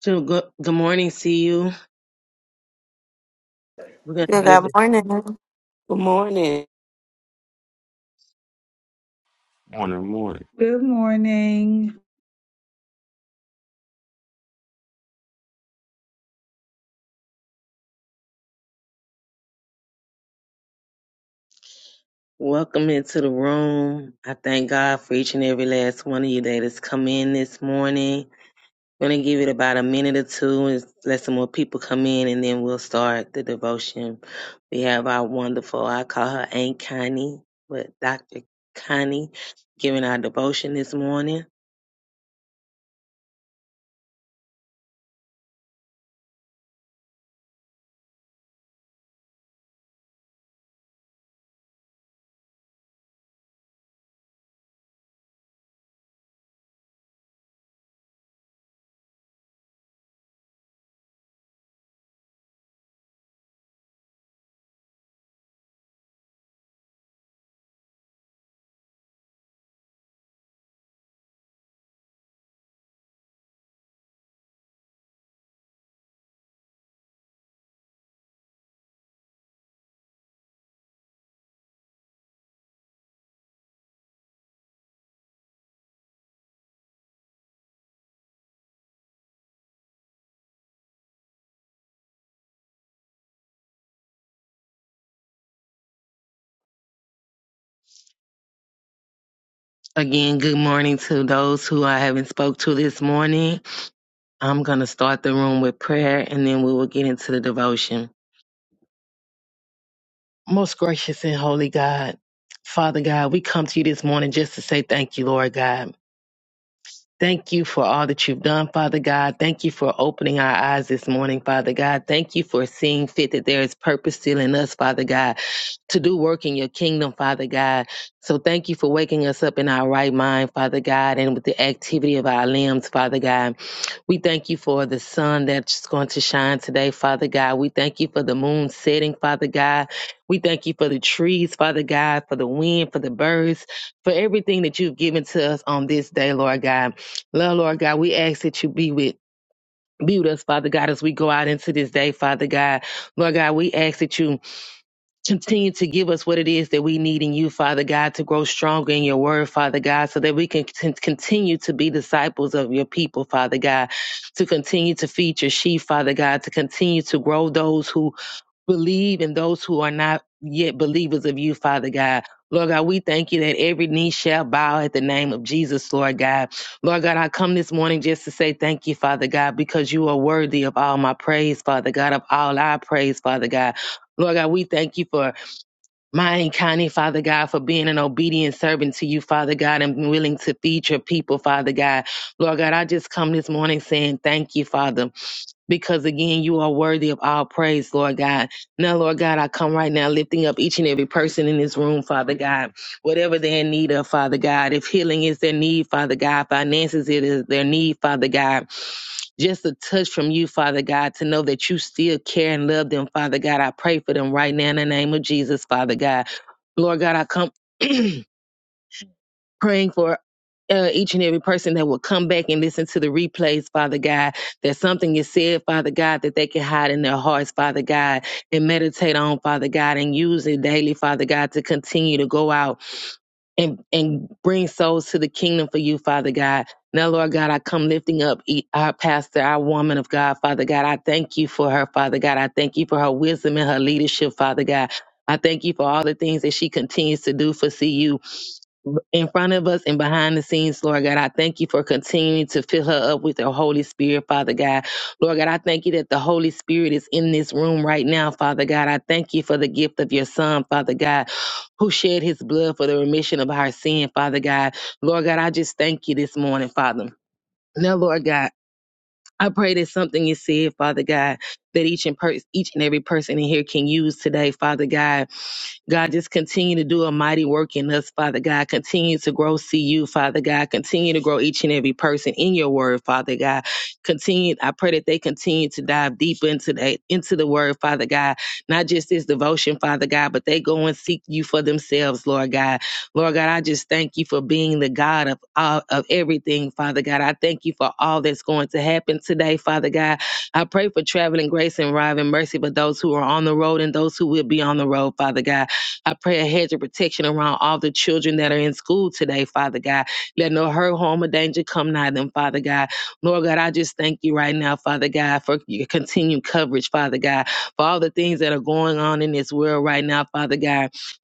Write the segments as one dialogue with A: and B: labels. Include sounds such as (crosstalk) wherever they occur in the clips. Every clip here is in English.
A: So good, good morning, see you. We're gonna
B: Yeah,
A: give
B: Good
A: it
B: morning.
C: Good morning.
D: Morning, morning.
E: Good morning.
A: welcome into the room. I thank God for each and every last one of you that has come in this morning. We're gonna give it about a minute or two and let some more people come in and then we'll start the devotion. We have our wonderful, I call her Aunt Connie, but Dr. Connie giving our devotion this morning. Again, good morning to those who I haven't spoke to this morning. I'm gonna start the room with prayer and then we will get into the devotion. Most gracious and holy God, Father God, we come to you this morning just to say thank you, Lord God. Thank you for all that you've done, Father God. Thank you for opening our eyes this morning, Father God. Thank you for seeing fit that there is purpose still in us, Father God, to do work in your kingdom, Father God. So thank you for waking us up in our right mind, Father God, and with the activity of our limbs, Father God. We thank you for the sun that's going to shine today, Father God. We thank you for the moon setting, Father God. We thank you for the trees, Father God, for the wind, for the birds, for everything that you've given to us on this day, Lord God. Lord, Lord God, we ask that you be with be with us, Father God, as we go out into this day, Father God. Lord God, we ask that you Continue to give us what it is that we need in you, Father God, to grow stronger in your word, Father God, so that we can con- continue to be disciples of your people, Father God, to continue to feed your sheep, Father God, to continue to grow those who believe and those who are not yet believers of you, Father God. Lord God, we thank you that every knee shall bow at the name of Jesus, Lord God. Lord God, I come this morning just to say thank you, Father God, because you are worthy of all my praise, Father God, of all our praise, Father God. Lord God, we thank you for Mighty County, Father God, for being an obedient servant to you, Father God, and willing to feed your people, Father God. Lord God, I just come this morning saying thank you, Father because again, you are worthy of all praise, Lord God. Now, Lord God, I come right now lifting up each and every person in this room, Father God, whatever they're in need of, Father God. If healing is their need, Father God, finances it is their need, Father God. Just a touch from you, Father God, to know that you still care and love them, Father God. I pray for them right now in the name of Jesus, Father God. Lord God, I come. (clears throat) praying for uh, each and every person that will come back and listen to the replays, Father God, that something is said, Father God, that they can hide in their hearts, Father God, and meditate on, Father God, and use it daily, Father God, to continue to go out and, and bring souls to the kingdom for you, Father God. Now, Lord God, I come lifting up e- our pastor, our woman of God, Father God. I thank you for her, Father God. I thank you for her wisdom and her leadership, Father God. I thank you for all the things that she continues to do for CU in front of us and behind the scenes, Lord God. I thank you for continuing to fill her up with the Holy Spirit, Father God. Lord God, I thank you that the Holy Spirit is in this room right now, Father God. I thank you for the gift of your Son, Father God, who shed his blood for the remission of our sin, Father God. Lord God, I just thank you this morning, Father. Now, Lord God. I pray that something is said, Father God, that each and per- each and every person in here can use today, Father God. God, just continue to do a mighty work in us, Father God. Continue to grow CU, Father God. Continue to grow each and every person in your word, Father God. Continue, I pray that they continue to dive deeper into that into the word, Father God. Not just this devotion, Father God, but they go and seek you for themselves, Lord God. Lord God, I just thank you for being the God of all, of everything, Father God. I thank you for all that's going to happen today, Father God. I pray for traveling grace and arriving mercy for those who are on the road and those who will be on the road, Father God. I pray a hedge of protection around all the children that are in school today, Father God. Let no hurt, harm, or danger come nigh them, Father God. Lord God, I just thank you right now, Father God, for your continued coverage, Father God, for all the things that are going on in this world right now, Father God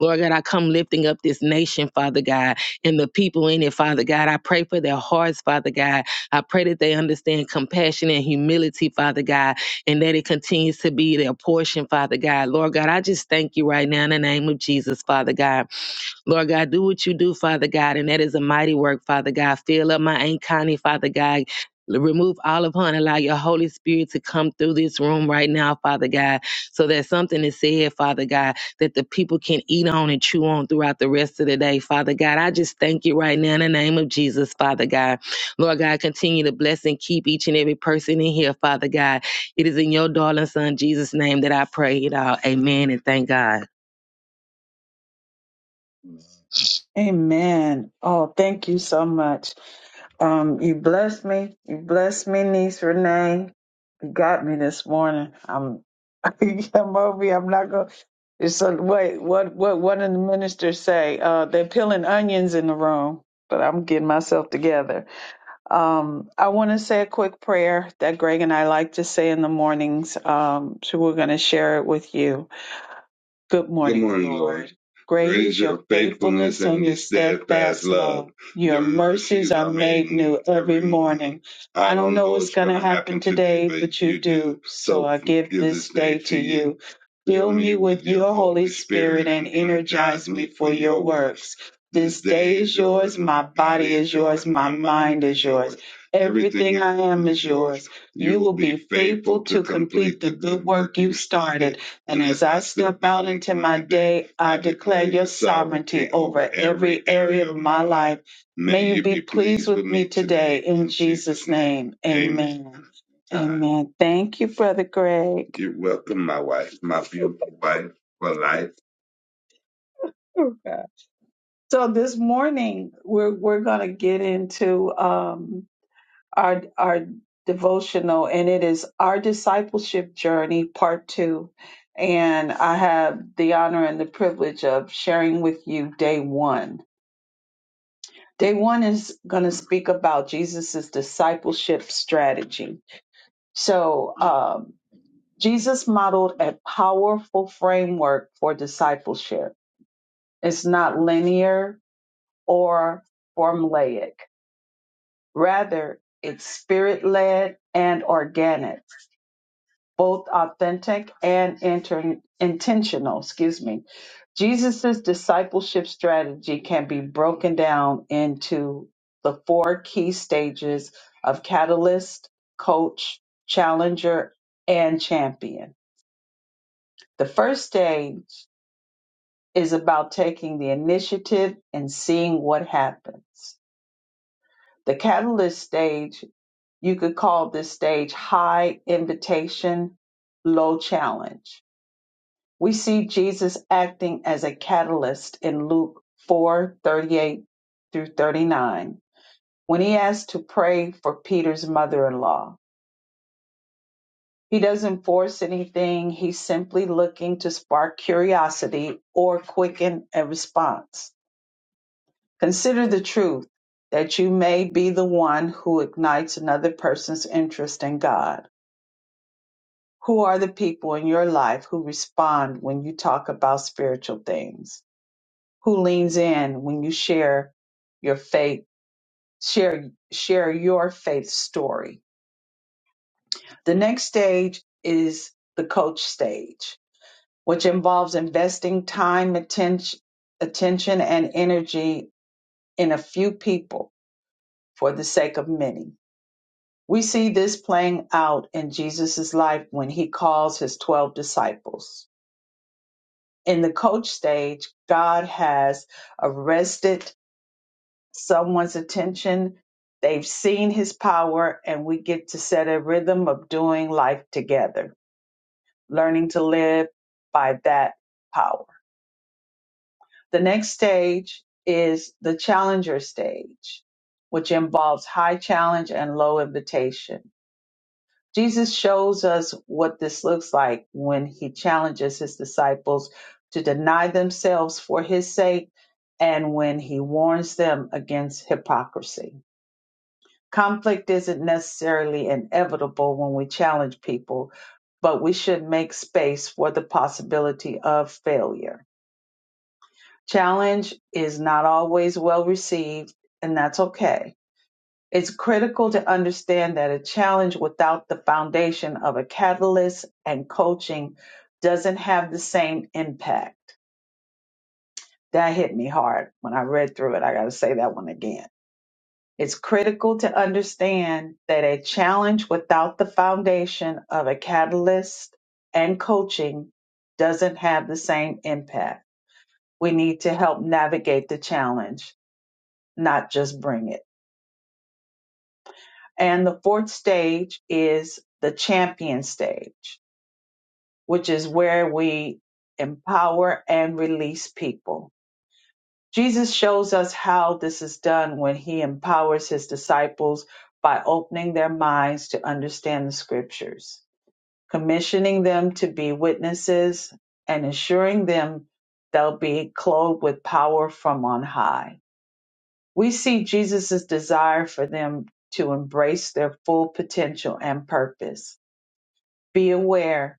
A: Lord God, I come lifting up this nation, Father God, and the people in it, Father God. I pray for their hearts, Father God. I pray that they understand compassion and humility, Father God, and that it continues to be their portion, Father God. Lord God, I just thank you right now in the name of Jesus, Father God. Lord God, do what you do, Father God, and that is a mighty work, Father God. Fill up my Aunt Connie, Father God. Remove all of her and allow your Holy Spirit to come through this room right now, Father God, so that something is said, Father God, that the people can eat on and chew on throughout the rest of the day, Father God. I just thank you right now in the name of Jesus, Father God. Lord God, continue to bless and keep each and every person in here, Father God. It is in your darling Son, Jesus' name, that I pray it all. Amen and thank God.
E: Amen. Oh, thank you so much. Um, you blessed me. You blessed me, niece Renee. You got me this morning. I'm, (laughs) I'm over. here. I'm not gonna. It's a, wait. What? What? What did the minister say? Uh, they're peeling onions in the room. But I'm getting myself together. Um, I want to say a quick prayer that Greg and I like to say in the mornings. Um, so we're going to share it with you. Good morning, Good morning, Lord. Lord. Great is your faithfulness and your steadfast love. Your mercies are made new every morning. I don't know what's going to happen today, but you do. So So I give this day to you. Fill me with your Holy Spirit and energize me for your works. This day is yours. My body is yours. My mind is yours. Everything I am is yours. You will be faithful to complete the good work you started. And as I step out into my day, I declare your sovereignty over every area of my life. May you be pleased with me today in Jesus' name. Amen. Amen. Thank you, Brother Greg. You're welcome, my wife, my beautiful wife for life. (laughs) Okay. So this morning we're we're gonna get into um our our devotional and it is our discipleship journey part 2 and i have the honor and the privilege of sharing with you day 1 day 1 is going to speak about jesus's discipleship strategy so um jesus modeled a powerful framework for discipleship it's not linear or formulaic rather it's spirit led and organic both authentic and inter- intentional. Excuse me. Jesus' discipleship strategy can be broken down into the four key stages of catalyst, coach, challenger, and champion. The first stage is about taking the initiative and seeing what happens. The catalyst stage, you could call this stage high invitation, low challenge We see Jesus acting as a catalyst in Luke 4:38 through 39 when he asks to pray for Peter's mother in law. He doesn't force anything, he's simply looking to spark curiosity or quicken a response. Consider the truth that you may be the one who ignites another person's interest in God. Who are the people in your life who respond when you talk about spiritual things? who leans in when you share your faith share share your faith story the next stage is the coach stage which involves investing time attention attention and energy in a few people for the sake of many we see this playing out in jesus' life when he calls his 12 disciples in the coach stage god has arrested someone's attention. They've seen his power, and we get to set a rhythm of doing life together, learning to live by that power. The next stage is the challenger stage, which involves high challenge and low invitation. Jesus shows us what this looks like when he challenges his disciples to deny themselves for his sake and when he warns them against hypocrisy. Conflict isn't necessarily inevitable when we challenge people, but we should make space for the possibility of failure. Challenge is not always well received, and that's okay. It's critical to understand that a challenge without the foundation of a catalyst and coaching doesn't have the same impact. That hit me hard when I read through it. I got to say that one again It's critical to understand that a challenge without the foundation of a catalyst and coaching doesn't have the same impact. We need to help navigate the challenge, not just bring it. And the fourth stage is the champion stage, which is where we empower and release people Jesus shows us how this is done when he empowers his disciples by opening their minds to understand the scriptures, commissioning them to be witnesses, and ensuring them they'll be clothed with power from on high. We see Jesus' desire for them to embrace their full potential and purpose. Be aware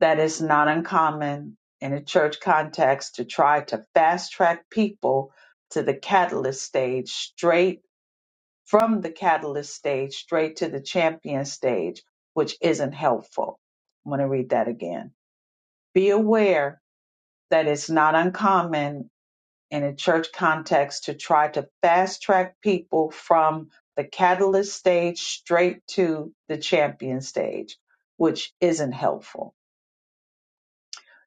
E: that is not uncommon in a church context to try to fast track people to the catalyst stage straight from the catalyst stage straight to the champion stage, which isn't helpful. I'm going to read that again. Be aware that it's not uncommon in a church context to try to fast track people from the catalyst stage straight to the champion stage, which isn't helpful.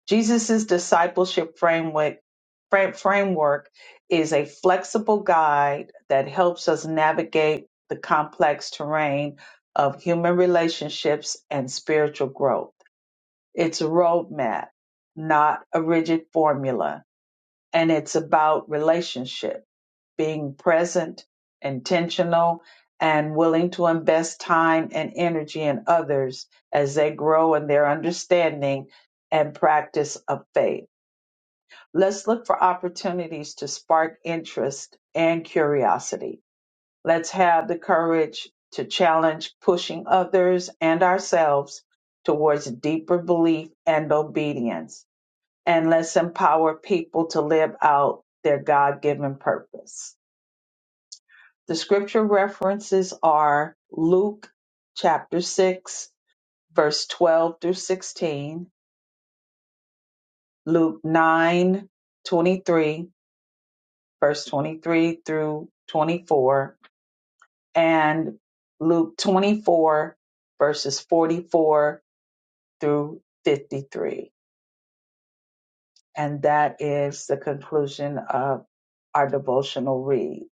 E: Jesus' discipleship framework, fra- framework is a flexible guide that helps us navigate the complex terrain of human relationships and spiritual growth. It's a roadmap, not a rigid formula, and it's about relationship, being present, intentional, and willing to invest time and energy in others as they grow in their understanding and practice of faith. Let's look for opportunities to spark interest and curiosity. Let's have the courage to challenge pushing others and ourselves towards deeper belief and obedience. And let's empower people to live out their God given purpose. The scripture references are Luke chapter 6, verse 12 through 16, Luke 9, 23. verse 23 through 24, and Luke 24, verses 44 through 53. And that is the conclusion of our devotional read.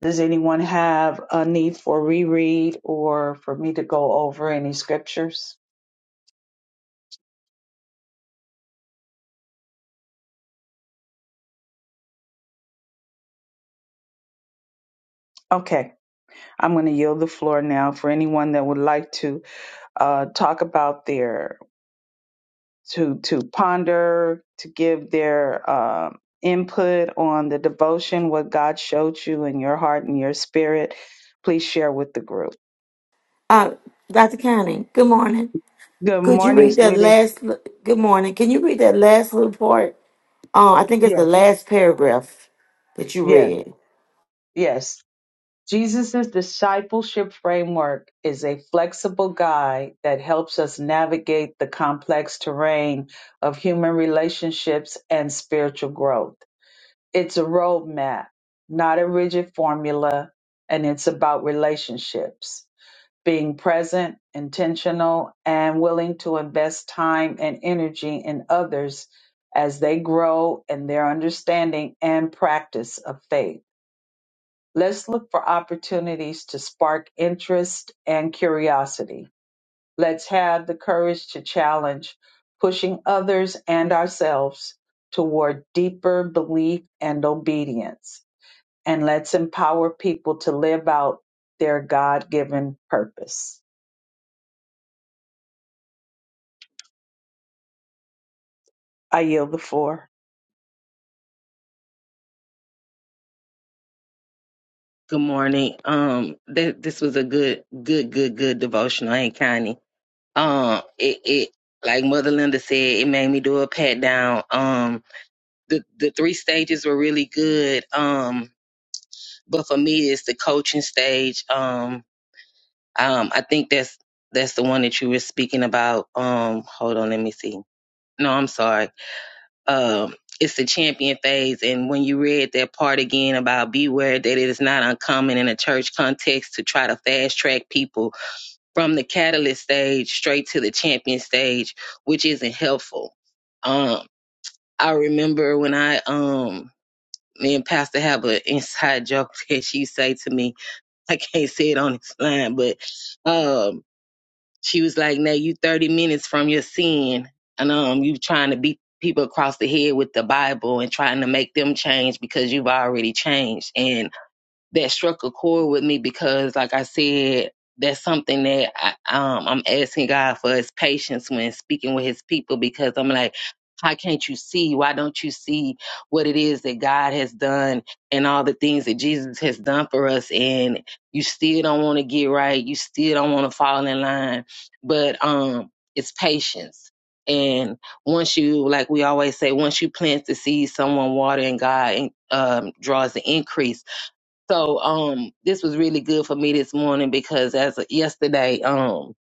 E: Does anyone have a need for reread or for me to go over any scriptures? Okay, I'm going to yield the floor now for anyone that would like to uh, talk about their to to ponder, to give their um input on the devotion, what God showed you in your heart and your spirit. Please share with the group.
B: Uh, Dr. County, good morning.
E: Good
B: Could you
E: morning,
B: read that
E: sweetie.
B: last, li- good morning. Can you read that last little part? Uh, I think it's the
E: Yeah,
B: last paragraph that you
E: yeah,
B: read.
E: yes. Jesus' discipleship framework is a flexible guide that helps us navigate the complex terrain of human relationships and spiritual growth. It's a roadmap, not a rigid formula, and it's about relationships. being present, intentional, and willing to invest time and energy in others as they grow in their understanding and practice of faith. Let's look for opportunities to spark interest and curiosity. Let's have the courage to challenge, pushing others and ourselves toward deeper belief and obedience. And let's empower people to live out their God given purpose. I yield the floor.
A: Good morning. Um, th- this was a good, good, good, good devotional. Ain't Connie. Um, it, it, like Mother Linda said, it made me do a pat down. Um, the the three stages were really good. Um, but for me, it's the coaching stage. Um, um, I think that's that's the one that you were speaking about. Um, hold on, let me see. No, I'm sorry. um, it's the champion phase. And when you read that part again about beware that it is not uncommon in a church context to try to fast track people from the catalyst stage straight to the champion stage, which isn't helpful. Um, I remember when I, um, me and Pastor have an inside joke (laughs) that she say to me. I can't say it on this line, but um, she was like, "Now you 30 minutes from your sin, and um, you trying to beat people across the head with the Bible and trying to make them change because you've already changed." And that struck a chord with me because, like I said, that's something that I, um, I'm asking God for His patience when speaking with His people because I'm like, how can't you see? Why don't you see what it is that God has done and all the things that Jesus has done for us? And you still don't want to get right. You still don't want to fall in line. But um, it's patience. And once you, like we always say, once you plant the seed, someone water and God um, draws the increase so um this was really good for me this morning because as of yesterday um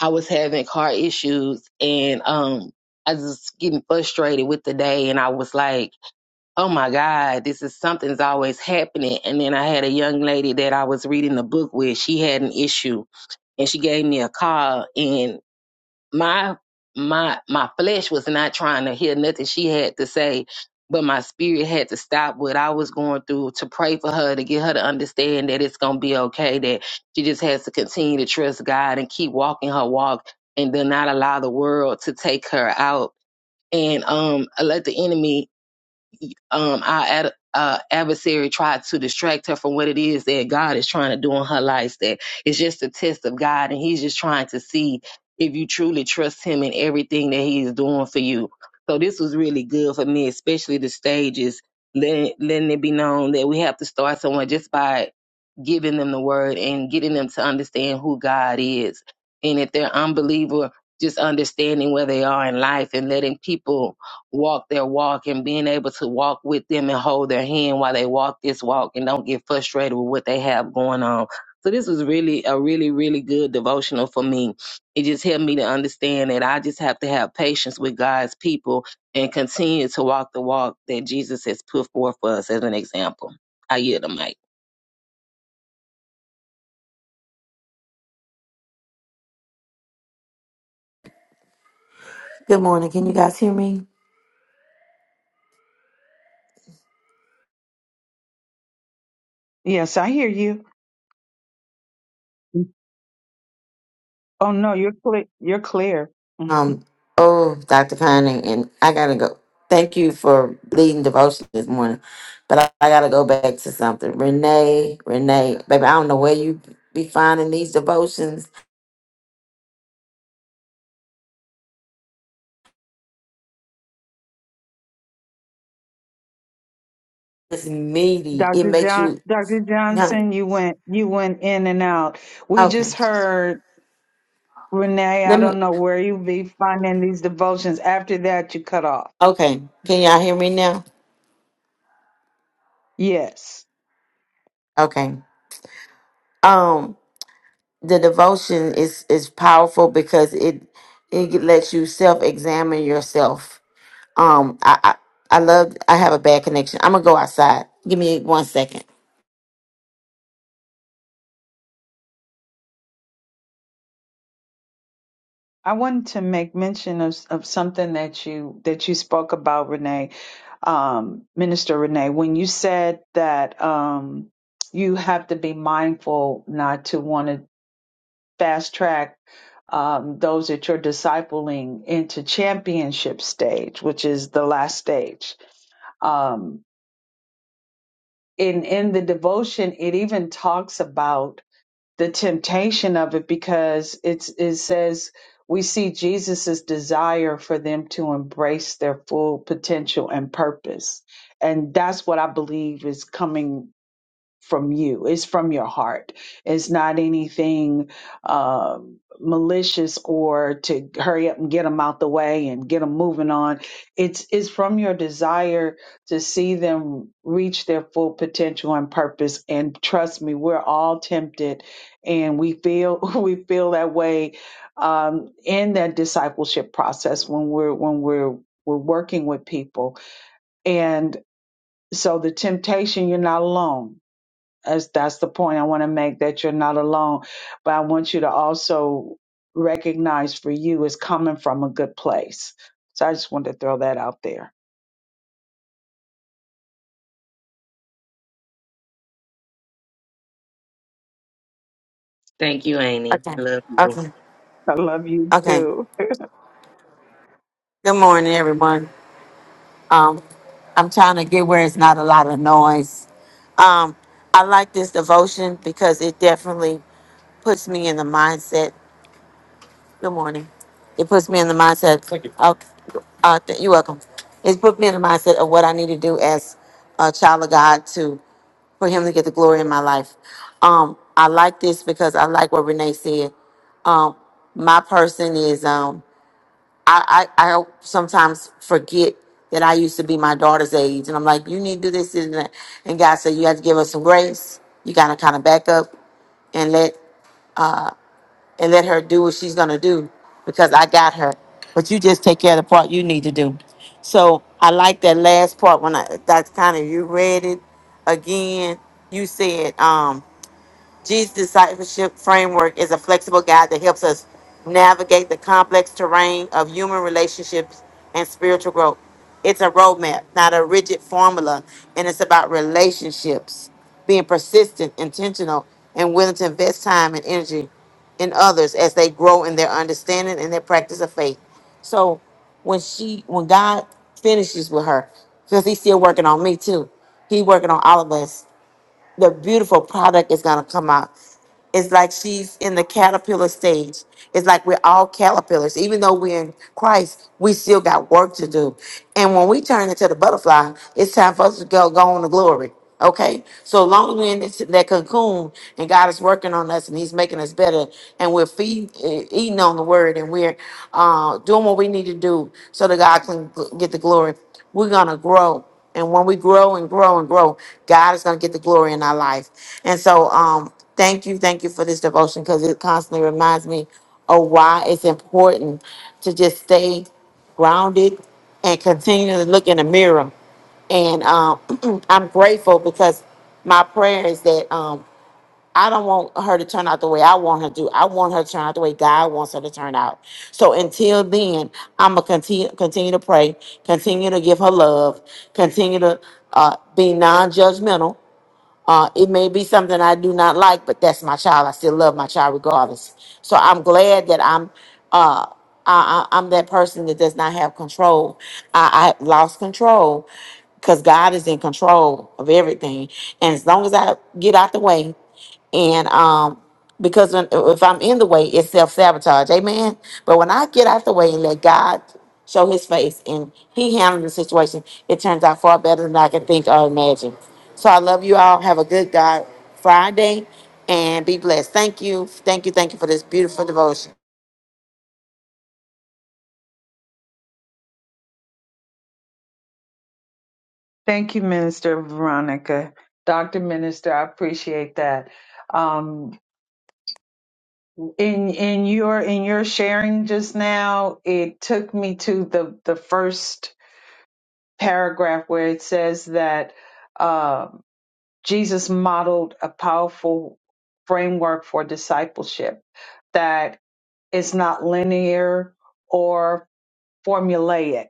A: I was having car issues and um I was just getting frustrated with the day and I was like, "Oh my god, this is something's always happening." And then I had a young lady that I was reading the book with, she had an issue and she gave me a call and my my my flesh was not trying to hear nothing she had to say but my spirit had to stop what i was going through to pray for her to get her to understand that it's going to be okay that she just has to continue to trust god and keep walking her walk and do not allow the world to take her out and um I let the enemy um, our ad, uh, adversary tried to distract her from what it is that God is trying to do in her life. That it's just a test of God, and He's just trying to see if you truly trust Him in everything that He is doing for you. So this was really good for me, especially the stages, letting letting it be known that we have to start someone just by giving them the word and getting them to understand who God is. And if they're unbeliever, just understanding where they are in life and letting people walk their walk and being able to walk with them and hold their hand while they walk this walk and don't get frustrated with what they have going on. So this was really a really, really good devotional for me. It just helped me to understand that I just have to have patience with God's people and continue to walk the walk that Jesus has put forth for us as an example. I yield the mic.
B: Good morning. Can you guys hear me?
E: Yes, I hear you. Oh no, you're clear. You're clear. Mhm.
B: Um, oh, Dr. County, and I gotta go. Thank you for leading devotion this morning, but I, I gotta go back to something. Renee, Renee, baby, I don't know where you be finding these devotions. It's meaty. It
E: Dr.
B: makes
E: John,
B: you,
E: Dr.
B: honey,
E: Johnson, you went, you went in and out. We
B: okay.
E: just heard Renee. I
B: Let me.
E: don't know where you be finding these devotions. After that, you cut off.
B: Okay, can y'all hear me now?
E: Yes,
B: Okay. Um, the devotion is is powerful because it it lets you self examine yourself. Um, I, I I love. I have a bad connection. I'm gonna go outside. Give me one second.
E: I wanted to make mention of of something that you that you spoke about, Renee, um, Minister Renee, when you said that um, you have to be mindful not to want to fast track um, those that you're discipling into championship stage, which is the last stage um, in in the devotion it even talks about the temptation of it because it's it says we see Jesus's desire for them to embrace their full potential and purpose and that's what i believe is coming from you. It's from your heart. It's not anything uh, malicious or to hurry up and get them out the way and get them moving on. It's it's from your desire to see them reach their full potential and purpose. And trust me, we're all tempted, and we feel (laughs) we feel that way um, in that discipleship process when we're when we're we're working with people and so the temptation you're not alone that's, that's the point I want to make that you're not alone. But I want you to also recognize for you is coming from a good place. So I just wanted to throw that out there.
A: Thank you, Amy.
B: Okay.
A: I love you.
B: Okay.
E: I love you
B: Okay.
E: too.
B: Good morning, everyone. Um, I'm trying to get where it's not a lot of noise. Um, I like this devotion because it definitely puts me in the mindset. Good morning. It puts me in the mindset. Thank you. Of, uh, th- you're welcome. It put me in the mindset of what I need to do as a child of God to for Him to get the glory in my life. Um, I like this because I like what Renee said. Um, my person is um, I, I I sometimes forget that I used to be my daughter's age, and I'm like, you need to do this and that. And God said, you have to give us some grace. You got to kind of back up and let and let her do what she's gonna do because I got her. But you just take care of the part you need to do. So I like that last part when I that's kind of you read it again. You said, um, Jesus' discipleship framework is a flexible guide that helps us navigate the complex terrain of human relationships and spiritual growth. It's a roadmap, not a rigid formula, and it's about relationships, being persistent, intentional, and willing to invest time and energy in others as they grow in their understanding and their practice of faith. So when she when God finishes with her, because he's still working on me too. He working on all of us the beautiful product is gonna come out. It's like she's in the caterpillar stage. It's like we're all caterpillars. Even though we're in Christ, we still got work to do. And when we turn into the butterfly, it's time for us to go go on to glory. Okay? So long as we're in this, that cocoon and God is working on us and He's making us better and we're feeding, eating on the word and we're uh, doing what we need to do so that God can gl- get the glory, we're going to grow. And when we grow and grow and grow, God is going to get the glory in our life. And so, um, thank you, thank you for this devotion because it constantly reminds me of why it's important to just stay grounded and continue to look in the mirror. And um, (clears throat) I'm grateful because my prayer is that um, I don't want her to turn out the way I want her to. I want her to turn out the way God wants her to turn out. So until then, I'm gonna continue continue to pray, continue to give her love, continue to uh, be non-judgmental. Uh, it may be something I do not like, but that's my child. I still love my child regardless. So I'm glad that I'm uh, I, I, I'm that person that does not have control. I, I lost control because God is in control of everything. And as long as I get out the way and um because when, if i'm in the way it's self-sabotage amen but when i get out the way and let god show his face and he handles the situation it turns out far better than i can think or imagine so i love you all have a good god friday and be blessed thank you thank you thank you for this beautiful devotion
E: Thank you, Minister Veronica. Dr. Minister, I appreciate that. Um, in in your in your sharing just now it took me to the the first paragraph where it says that uh, jesus modeled a powerful framework for discipleship that is not linear or formulaic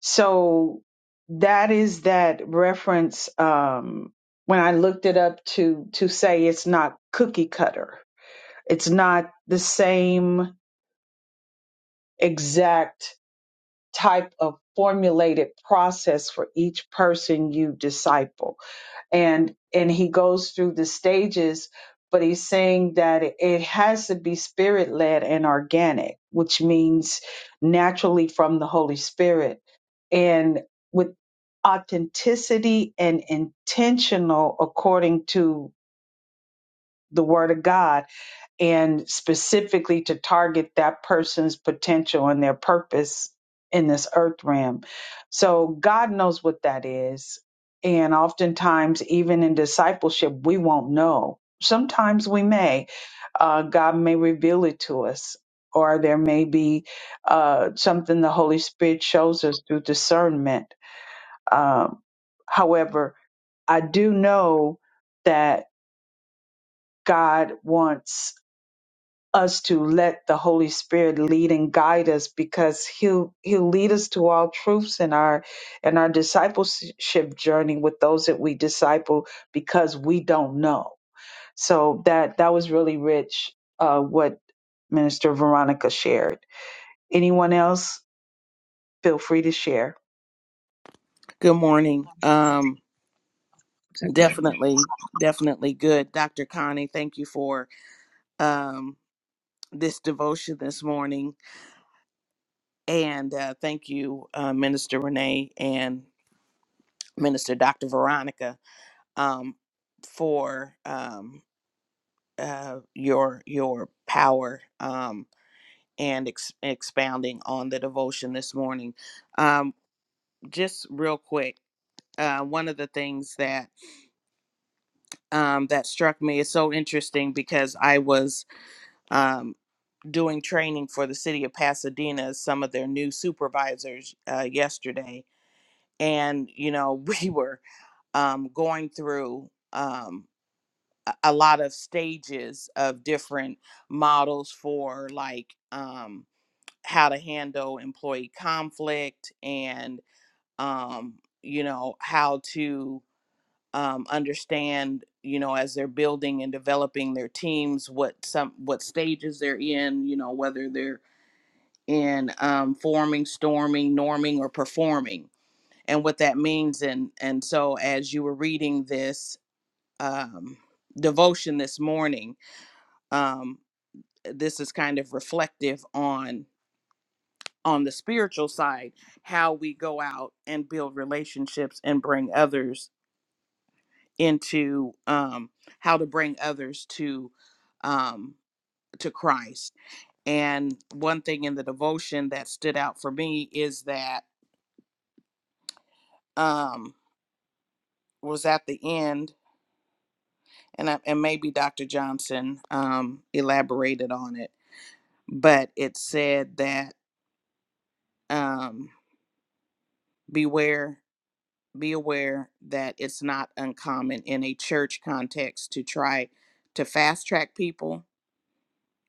E: so that is that reference um when i looked it up to to say it's not cookie cutter it's not the same exact type of formulated process for each person you disciple and and he goes through the stages but he's saying that it has to be spirit led and organic which means naturally from the holy spirit and with authenticity and intentional according to the word of god and specifically to target that person's potential and their purpose in this earth realm. So God knows what that is. And oftentimes, even in discipleship, we won't know. Sometimes we may. Uh, God may reveal it to us, or there may be uh, something the Holy Spirit shows us through discernment. Um, however, I do know that God wants us to let the Holy Spirit lead and guide us because he'll he'll lead us to all truths in our in our discipleship journey with those that we disciple because we don't know. So that that was really rich uh what Minister Veronica shared. Anyone else feel free to share.
F: Good morning. Um,
G: So go
F: definitely, definitely good. Dr. Connie, thank you for um, this devotion this morning. And uh, thank you, uh, Minister Renee and Minister Dr. Veronica, um, for um, uh, your, your power um, and ex- expounding on the devotion this morning. Um, just real quick. Uh, one of the things that um, that struck me is so interesting because I was um, doing training for the city of Pasadena as some of their new supervisors uh, yesterday. And, you know, (laughs) we were um, going through um, a a lot of stages of different models for like um, how to handle employee conflict and, um, you know, how to um, understand you know as they're building and developing their teams what some what stages they're in you know whether they're in um, forming, storming, norming, or performing, and what that means. And and so, as you were reading this um, devotion this morning, um, this is kind of reflective on on the spiritual side how we go out and build relationships and bring others into um, how to bring others to um, to Christ. And one thing in the devotion that stood out for me is that. Um, was at the end, and I, and maybe Dr. Johnson um, elaborated on it, but it said that um, beware, be aware that it's not uncommon in a church context to try to fast track people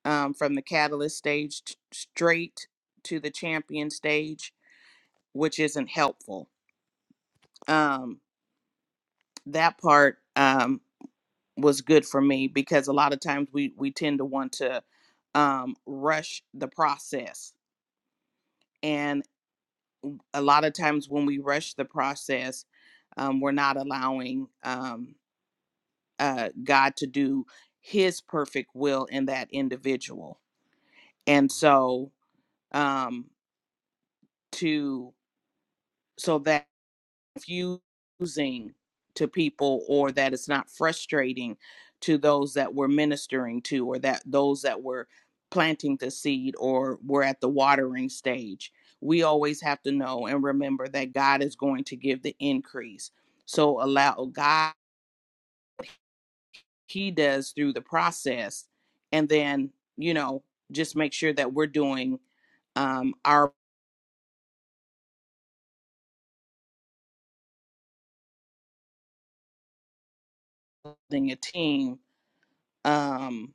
F: um, from the catalyst stage t- straight to the champion stage, which isn't helpful. Um, that part. Um, was good for me because a lot of times we we tend to want to um, rush the process, and a lot of times when we rush the process, um, we're not allowing um, uh, God to do His perfect will in that individual, and so um, to so that. confusing to people or that it's not frustrating to those that we're ministering to or that those that were planting the seed or we're at the watering stage. We always have to know and remember that God is going to give the increase. So allow God, He does through the process. And then, you know, just make sure that we're doing um, our building a team. Um,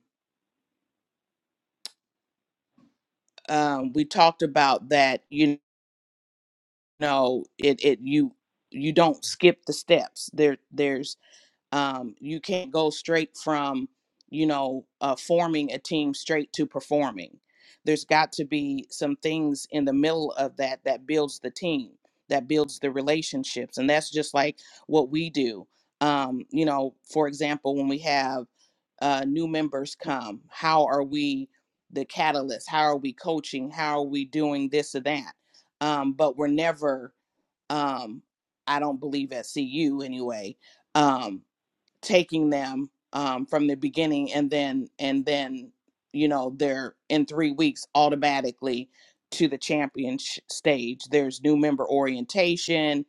F: um, we talked about that, you know. no it it you you don't skip the steps there there's um you can't go straight from you know uh forming a team straight to performing there's got to be some things in the middle of that that builds the team that builds the relationships and that's just like what we do um you know for example when we have uh new members come how are we the catalyst how are we coaching how are we doing this or that um but we're never um, I don't believe at CU anyway, um, taking them um, from the beginning and then and then you know they're in three weeks automatically to the champion sh- stage. There's new member orientation.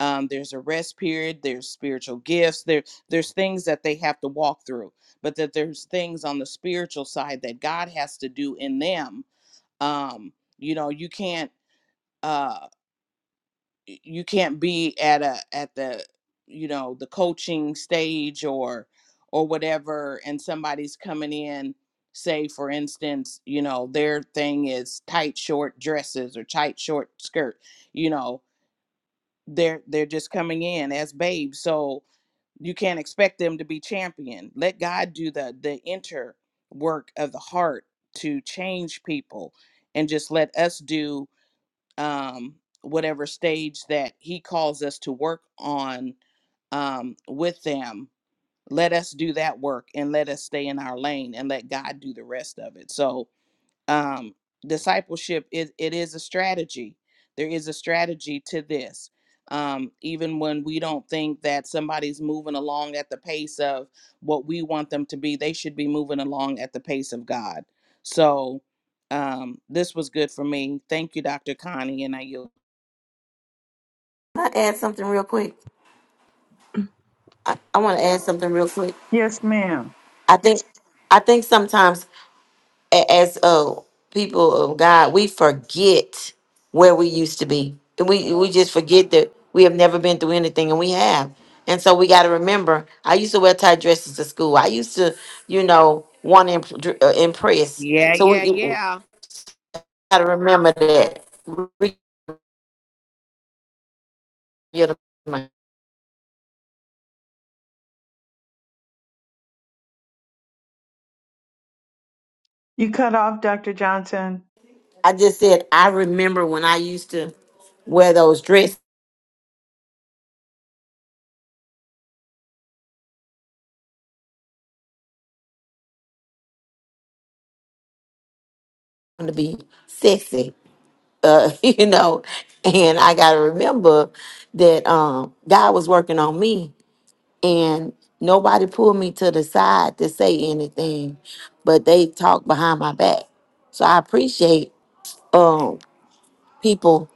F: Um, there's a rest period. There's spiritual gifts. There there's things that they have to walk through, but that there's things on the spiritual side that God has to do in them. Um, you know, you can't. uh y- you can't be at a at the you know the coaching stage or or whatever and somebody's coming in say for instance you know their thing is tight short dresses or tight short skirt you know they're they're just coming in as babes so you can't expect them to be champion let god do the the inner work of the heart to change people and just let us do um, whatever stage that he calls us to work on um, with them. Let us do that work and let us stay in our lane and let God do the rest of it. So, um, discipleship is it is a strategy. There is a strategy to this. Um, even when we don't think that somebody's moving along at the pace of what we want them to be, they should be moving along at the pace of God. So um, this was good for me. Thank you, Dr. Connie, and I yield.
B: can i add something real quick
G: ahead. Mm.
B: i, I want to add something real quick
E: Yes, ma'am.
B: i think i think sometimes a- as uh, people of God, we forget where we used to be. And We we just forget that we have never been through anything, and we have. And so we got to remember. I used to wear tight dresses to school. I used to, you know, want to imp- dr- uh, impress.
F: Yeah,
B: So
F: yeah,
B: we, we
F: yeah.
B: got to remember that. We-
E: You cut off Dr. Johnson.
B: I just said I remember when I used to wear those dresses to be sexy uh, (laughs) you know, and I got to remember that um, God was working on me, and nobody pulled me to the side to say anything, but they talked behind my back. So I appreciate um, people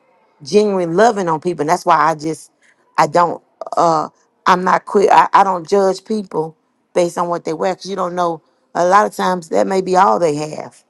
B: genuine loving on people. And that's why I just I don't uh I'm not quick I, I don't judge people based on what they wear because you don't know a lot of times that may be all they have.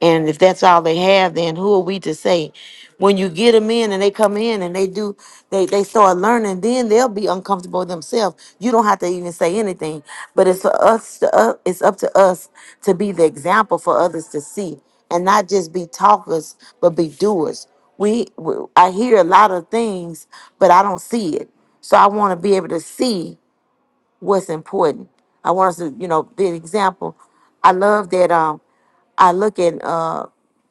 B: And if that's all they have, then who are we to say? When you get them in and they come in and they do they they start learning, then they'll be uncomfortable themselves. You don't have to even say anything. But it's for us to uh, it's up to us to be the example for others to see and not just be talkers but be doers we we I hear a lot of things but i don't see it so i want to be able to see what's important i want us to you know be an example i love that um i look at uh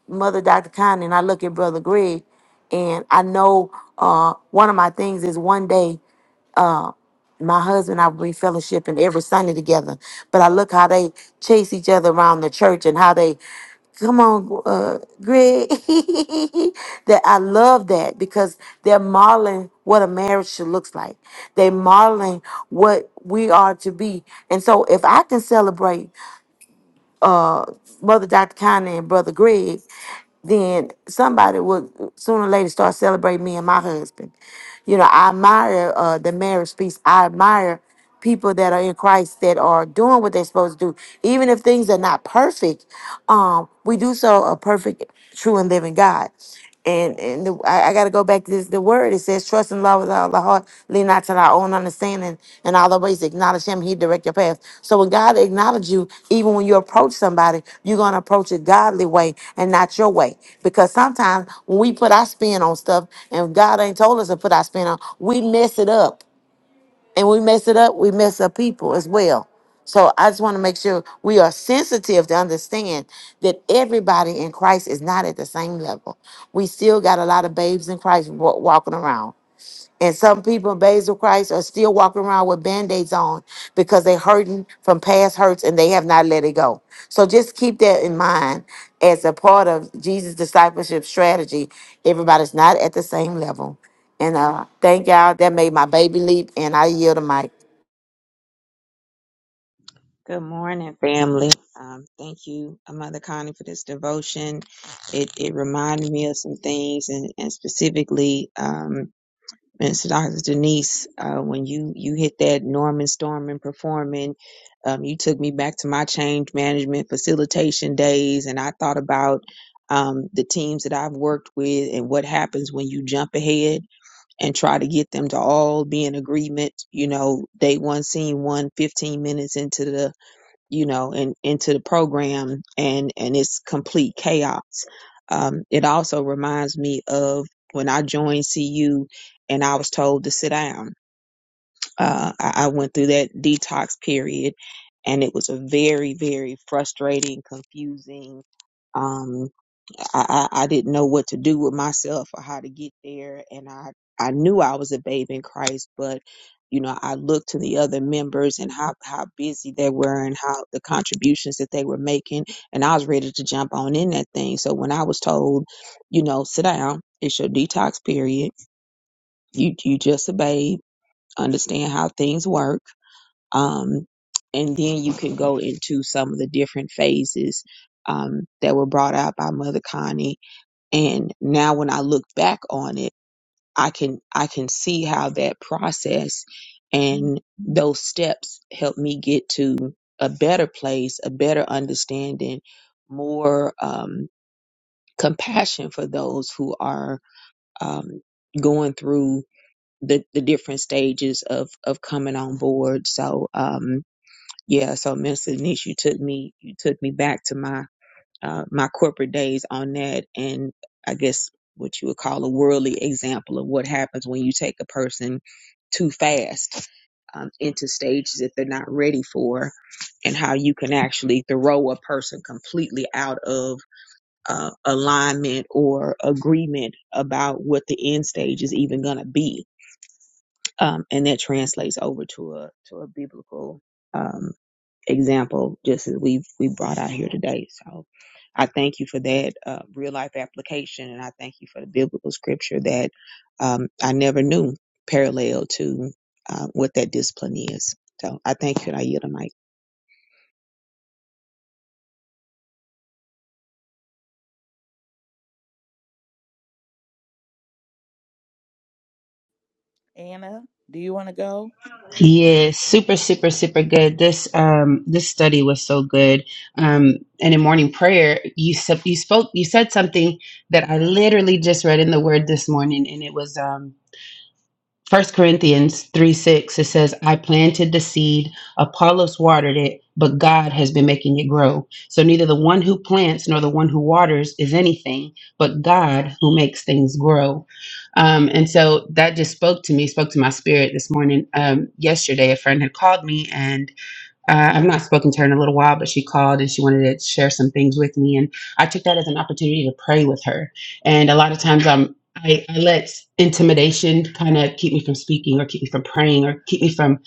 B: mother dr connie and i look at brother greg and i know uh one of my things is one day my husband and I we fellowship and every Sunday together. But I look how they chase each other around the church and how they come on, uh, Greg. (laughs) that I love that because they're modeling what a marriage should looks like. They're modeling what we are to be. And so if I can celebrate uh, Brother Dr. Conner and Brother Greg, then somebody would sooner or later start celebrating me and my husband. You know, I admire uh, the marriage piece. I admire people that are in Christ that are doing what they're supposed to do, even if things are not perfect. Um, we do so a perfect, true, and living God. And and the, I, I got to go back to this, the word. It says, "Trust in love with all the heart, lean not to thy own understanding, and all the ways acknowledge Him. He direct your path." So when God acknowledges you, even when you approach somebody, you're gonna approach it godly way and not your way. Because sometimes when we put our spin on stuff, and God ain't told us to put our spin on, we mess it up and we mess it up, we mess up people as well. So I just want to make sure we are sensitive to understand that everybody in Christ is not at the same level. We still got a lot of babes in Christ wa- walking around. And some people in Basil Christ are still walking around with band-aids on because they're hurting from past hurts and they have not let it go. So just keep that in mind as a part of Jesus' discipleship strategy. Everybody's not at the same level. And uh thank y'all. That made my baby leap and I yield the mic.
G: Good morning, family. Um, thank you, uh, Mother Connie, for this devotion. It it reminded me of some things, and and specifically, um, Mr. Dr. Denise, uh, when you you hit that Norman Storm and performing, um, you took me back to my change management facilitation days, and I thought about um, the teams that I've worked with and what happens when you jump ahead and try to get them to all be in agreement, you know, day one, scene one, 15 minutes into the, you know, and into the program and, and it's complete chaos. Um, it also reminds me of when I joined CU and I was told to sit down. Uh, I, I went through that detox period and it was a very, very frustrating, confusing, um, I, I, I didn't know what to do with myself or how to get there. And I, I knew I was a babe in Christ, but you know, I looked to the other members and how, how busy they were and how the contributions that they were making. And I was ready to jump on in that thing. So when I was told, you know, sit down, it's your detox period. You, you just a babe, understand how things work. Um, and then you can go into some of the different phases, um, that were brought out by Mother Connie and now when I look back on it, I can I can see how that process and those steps helped me get to a better place, a better understanding, more um, compassion for those who are um, going through the, the different stages of of coming on board. So um, yeah, so Miss Denise, you took me you took me back to my uh, my corporate days on that and I guess what you would call a worldly example of what happens when you take a person too fast um, into stages that they're not ready for and how you can actually throw a person completely out of uh, alignment or agreement about what the end stage is even going to be. Um, and that translates over to a to a biblical um, example, just as we we brought out here today. So I thank you for that uh, real life application, and I thank you for the biblical scripture that um, I never knew parallel to uh, what that discipline is. So I thank you, and I yield the mic.
F: Anna, do you want to go?
H: Yes, super, super, super good. This um this study was so good. Um, and in morning prayer, you sub you spoke you said something that I literally just read in the Word this morning, and it was um First Corinthians 3 6, it says, I planted the seed, Apollos watered it, but God has been making it grow. So neither the one who plants nor the one who waters is anything, but God who makes things grow. Um, and so that just spoke to me, spoke to my spirit this morning. Um, yesterday, a friend had called me, and uh, I've not spoken to her in a little while, but she called and she wanted to share some things with me. And I took that as an opportunity to pray with her. And a lot of times I'm, I, I let intimidation kind of keep me from speaking or keep me from praying or keep me from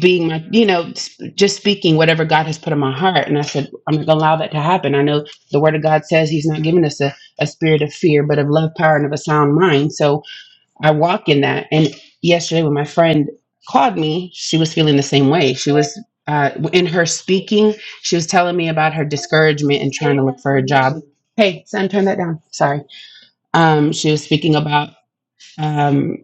H: being my, you know, just speaking whatever God has put in my heart. And I said, I'm not going to allow that to happen. I know the word of God says he's not giving us a, a spirit of fear, but of love, power, and of a sound mind. So I walk in that. And yesterday, when my friend called me, she was feeling the same way. She was uh, in her speaking, she was telling me about her discouragement and trying to look for a job. Hey, son, turn that down. Sorry. Um, she was speaking about. um,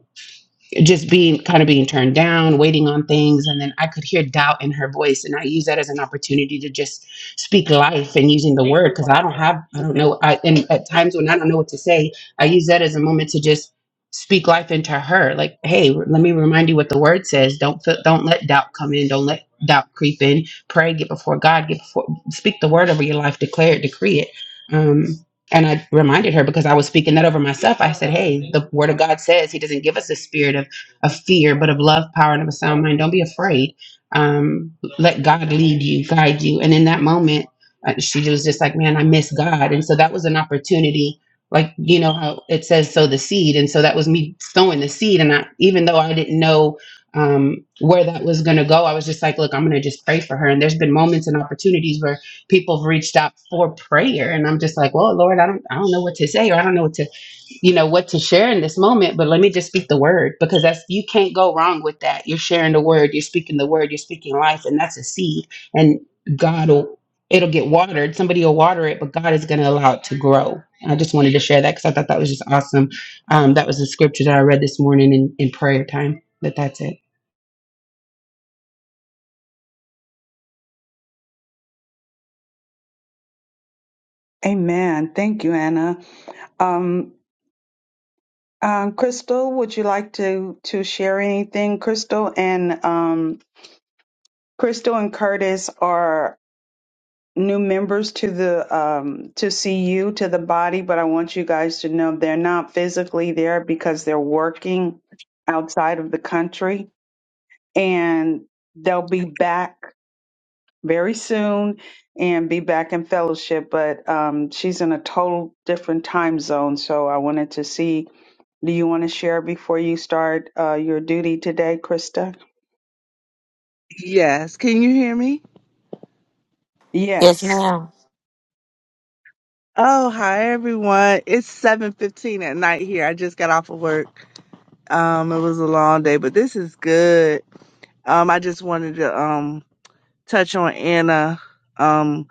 H: just being kind of being turned down, waiting on things. And then I could hear doubt in her voice. And I use that as an opportunity to just speak life and using the word because I don't have, I don't know. I, and at times when I don't know what to say, I use that as a moment to just speak life into her. Like, hey, re- let me remind you what the word says. Don't, fe- don't let doubt come in. Don't let doubt creep in. Pray, get before God, get before, speak the word over your life, declare it, decree it. Um, and I reminded her because I was speaking that over myself. I said, Hey, the word of God says he doesn't give us a spirit of of fear, but of love, power, and of a sound mind. Don't be afraid. Um, let God lead you, guide you. And in that moment, uh, she was just like, man, I miss God. And so that was an opportunity. Like, you know, how it says, sow the seed. And so that was me sowing the seed. And I, even though I didn't know um, where that was going to go, I was just like, look, I'm going to just pray for her. And there's been moments and opportunities where people have reached out for prayer. And I'm just like, well, Lord, I don't, I don't know what to say, or I don't know what to you know what to share in this moment but let me just speak the word because that's you can't go wrong with that you're sharing the word you're speaking the word you're speaking life and that's a seed and god will it'll get watered somebody will water it but god is going to allow it to grow And i just wanted to share that because i thought that was just awesome um, that was the scripture that i read this morning in, in prayer time but that's it
E: Amen. Thank you, Anna. Um, Um, Crystal, would you like to to share anything? Crystal and um, Crystal and Curtis are new members to the um, to CU to the body, but I want you guys to know they're not physically there because they're working outside of the country, and they'll be back very soon and be back in fellowship. But um, she's in a total different time zone, so I wanted to see Do you want to share before you start uh, your duty today, Krista?
I: Yes, can you hear me?
B: Yes,
E: Yes.
B: ma'am.
I: Oh, hi everyone. It's 7:15 at night here. I just got off of work. Um it was a long day, but this is good. Um I just wanted to um touch on Anna. Um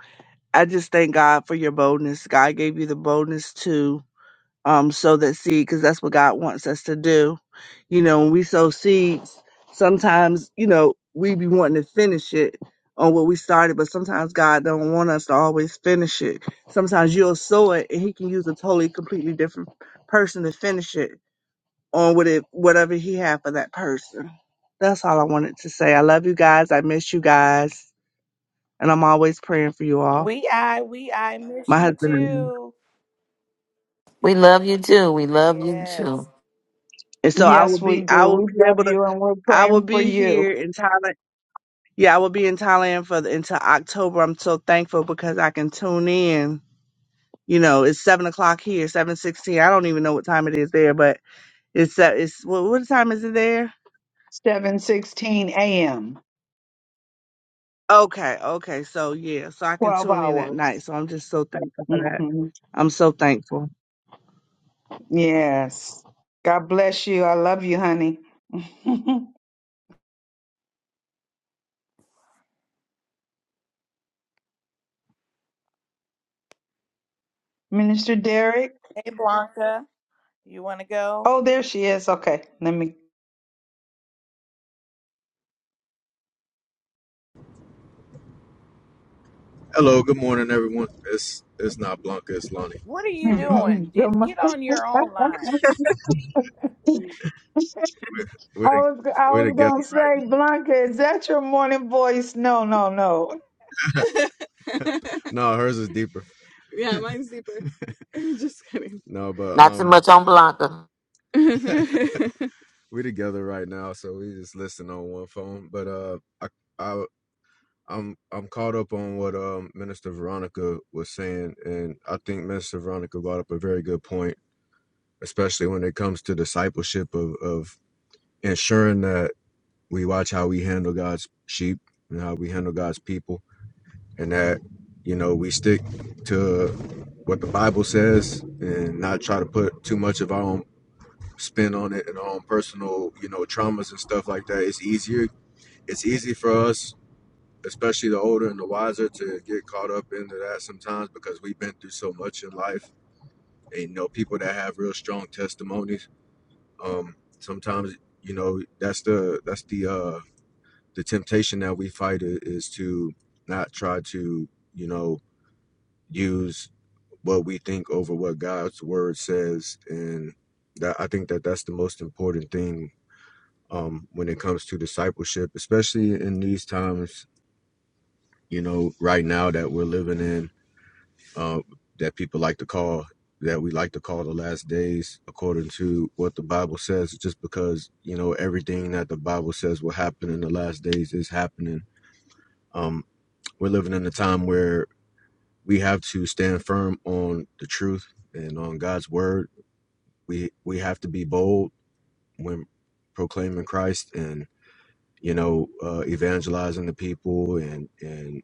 I: I just thank God for your boldness. God gave you the boldness to. um, sow that seed because that's what God wants us to do. You know, when we sow seeds, sometimes you know we be wanting to finish it on what we started, but sometimes God don't want us to always finish it. Sometimes you'll sow it, and He can use a totally, completely different person to finish it on what it, whatever He had for that person. That's all I wanted to say. I love you guys. I miss you guys, and I'm always praying for you all.
F: We I we I miss
I: My
F: you
I: husband and I.
F: too.
B: We love you too. We love you
F: Yes.
B: too.
I: And so I will
E: Yes, we
I: be, I
E: do.
I: will
E: We
I: be
E: love
I: able to
E: you and we're
I: I will
E: praying for
I: be here
E: you.
I: in Thailand Yeah, I will be in Thailand for the, until October. I'm so thankful because I can tune in. You know, it's seven o'clock here, seven sixteen. I don't even know what time it is there, but it's uh, it's what, what time is it there?
E: 7:16 a.m.
I: Okay, okay. So yeah, so I can
E: 12
I: tune in at
E: hours.
I: night. So I'm just so thankful for that.
E: hmm
I: I'm so thankful.
E: Yes. God bless you. I love you, honey. (laughs) Minister Derek.
F: Hey Blanca, you want to go?
E: Oh, there she is. Okay. Let me
J: Hello, good morning, everyone. It's it's not Blanca, it's Lonnie.
F: What are
E: (laughs)
F: you
J: Mhm. Um,
F: doing?
E: Good
F: Get get on your own
E: morning. (laughs)
F: line.
E: I
J: we're to,
E: was I
J: we're
E: was
J: together
E: gonna say, Blanca, is that your morning voice? No, no, no.
J: right now. (laughs) (laughs) No, hers is deeper. yeah, mine's deeper. (laughs) Just kidding. No, but
B: Not too
J: um,
B: much on Blanca.
J: (laughs) we're together right now, so we just listen on one phone. But uh, I I I'm I'm caught up on what um Minister Veronica was saying, and I think Minister Veronica brought up a very good point, especially when it comes to discipleship of of ensuring that we watch how we handle God's sheep and how we handle God's people, and that you know we stick to what the Bible says and not try to put too much of our own spin on it and our own personal you know traumas and stuff like that. It's easier. It's easy for us, especially the older and the wiser, to get caught up into that sometimes because we've been through so much in life. And you know, people that have real strong testimonies, um, sometimes you know that's the that's the uh the temptation that we fight is to not try to you know use what we think over what god's word says and that i think that that's the most important thing um when it comes to discipleship especially in these times you know right now that we're living in uh, that people like to call that we like to call the last days according to what the bible says just because you know everything that the bible says will happen in the last days is happening Um, We're living in a time where we have to stand firm on the truth and on God's word. We we have to be bold when proclaiming Christ and you know uh, evangelizing the people and and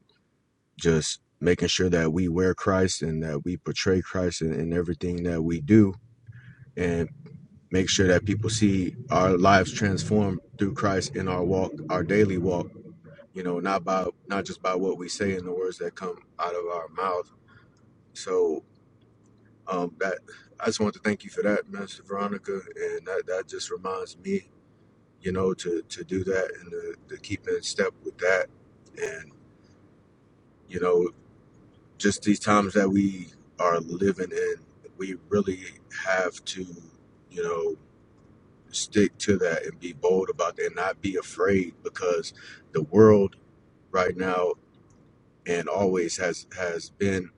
J: just making sure that we wear Christ and that we portray Christ in, in everything that we do and make sure that people see our lives transformed through Christ in our walk, our daily walk, you know, not by not just by what we say and the words that come out of our mouth. So Um, that I just want to thank you for that, Master Veronica, and that, that just reminds me, you know, to to do that and to, to keep in step with that, and you know, just these times that we are living in, we really have to, you know, stick to that and be bold about that and not be afraid because the world right now and always has has been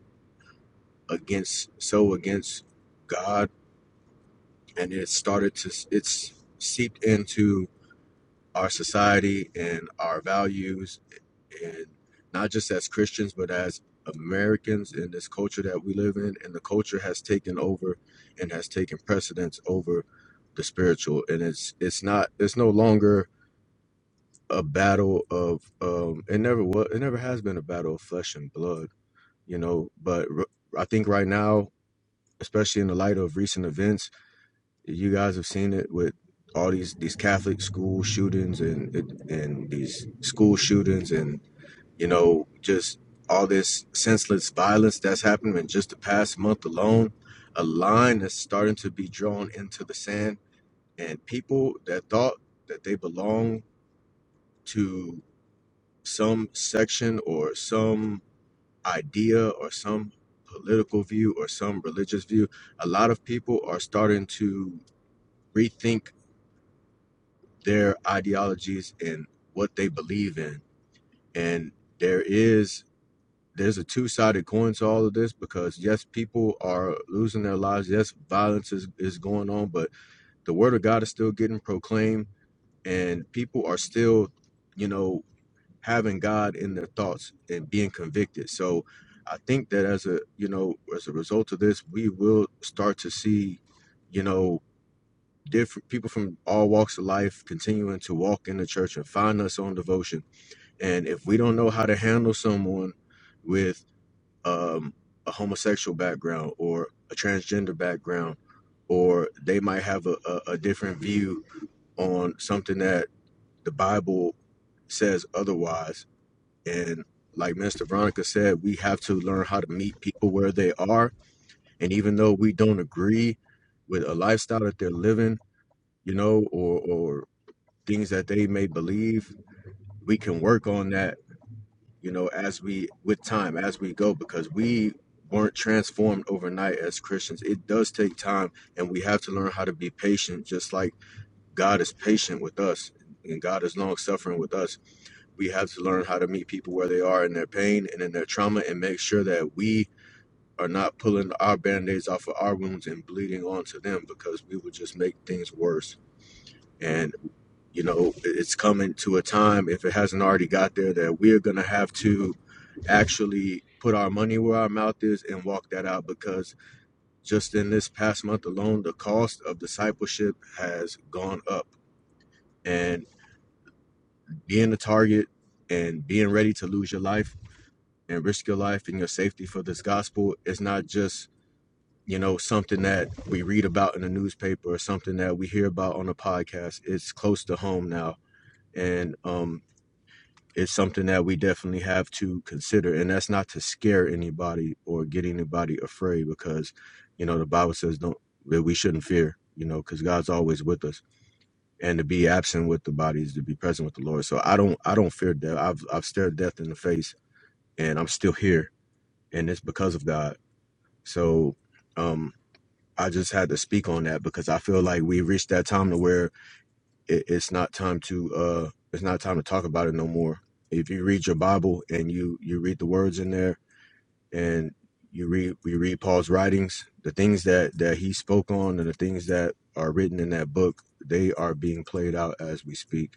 J: against so against God, and it started to it's seeped into our society and our values and not just as Christians but as Americans in this culture that we live in and the culture has taken over and has taken precedence over the spiritual and it's it's not it's no longer a battle of um it never was it never has been a battle of flesh and blood you know but r- I think right now especially in the light of recent events you guys have seen it with all these these Catholic school shootings and and these school shootings and you know just all this senseless violence that's happened in just the past month alone. A line that's starting to be drawn into the sand, and people that thought that they belong to some section or some idea or some political view or some religious view, a lot of people are starting to rethink their ideologies and what they believe in. And there is there's a two-sided coin to all of this because yes, people are losing their lives. Yes, violence is, is going on, but the word of God is still getting proclaimed and people are still, you know, having God in their thoughts and being convicted. So I think that as a you know, as a result of this, we will start to see, you know, different people from all walks of life continuing to walk in the church and find us on devotion. And if we don't know how to handle someone with um, a homosexual background or a transgender background, or they might have a, a, a different view on something that the Bible says otherwise. And like Mister Veronica said, we have to learn how to meet people where they are. And even though we don't agree with a lifestyle that they're living, you know, or or things that they may believe we can work on that you know as we with time as we go because we weren't transformed overnight as christians it does take time and we have to learn how to be patient just like god is patient with us and god is long suffering with us we have to learn how to meet people where they are in their pain and in their trauma and make sure that we are not pulling our band-aids off of our wounds and bleeding onto them because we would just make things worse And You know, it's coming to a time, if it hasn't already got there, that we're going to have to actually put our money where our mouth is and walk that out because just in this past month alone, the cost of discipleship has gone up. And being a target and being ready to lose your life and risk your life and your safety for this gospel is not just, you know, something that we read about in the newspaper or something that we hear about on a podcast. It's close to home now. And um, it's something that we definitely have to consider and that's not to scare anybody or get anybody afraid because you know the bible says don't that we shouldn't fear you know because god's always with us and to be absent with the body is to be present with the lord so i don't i don't fear death i've, I've stared death in the face and i'm still here and it's because of god so um i just had to speak on that because i feel like we reached that time to where it, it's not time to uh it's not time to talk about it no more if you read your bible and you you read the words in there and you read we read paul's writings the things that that he spoke on and the things that are written in that book they are being played out as we speak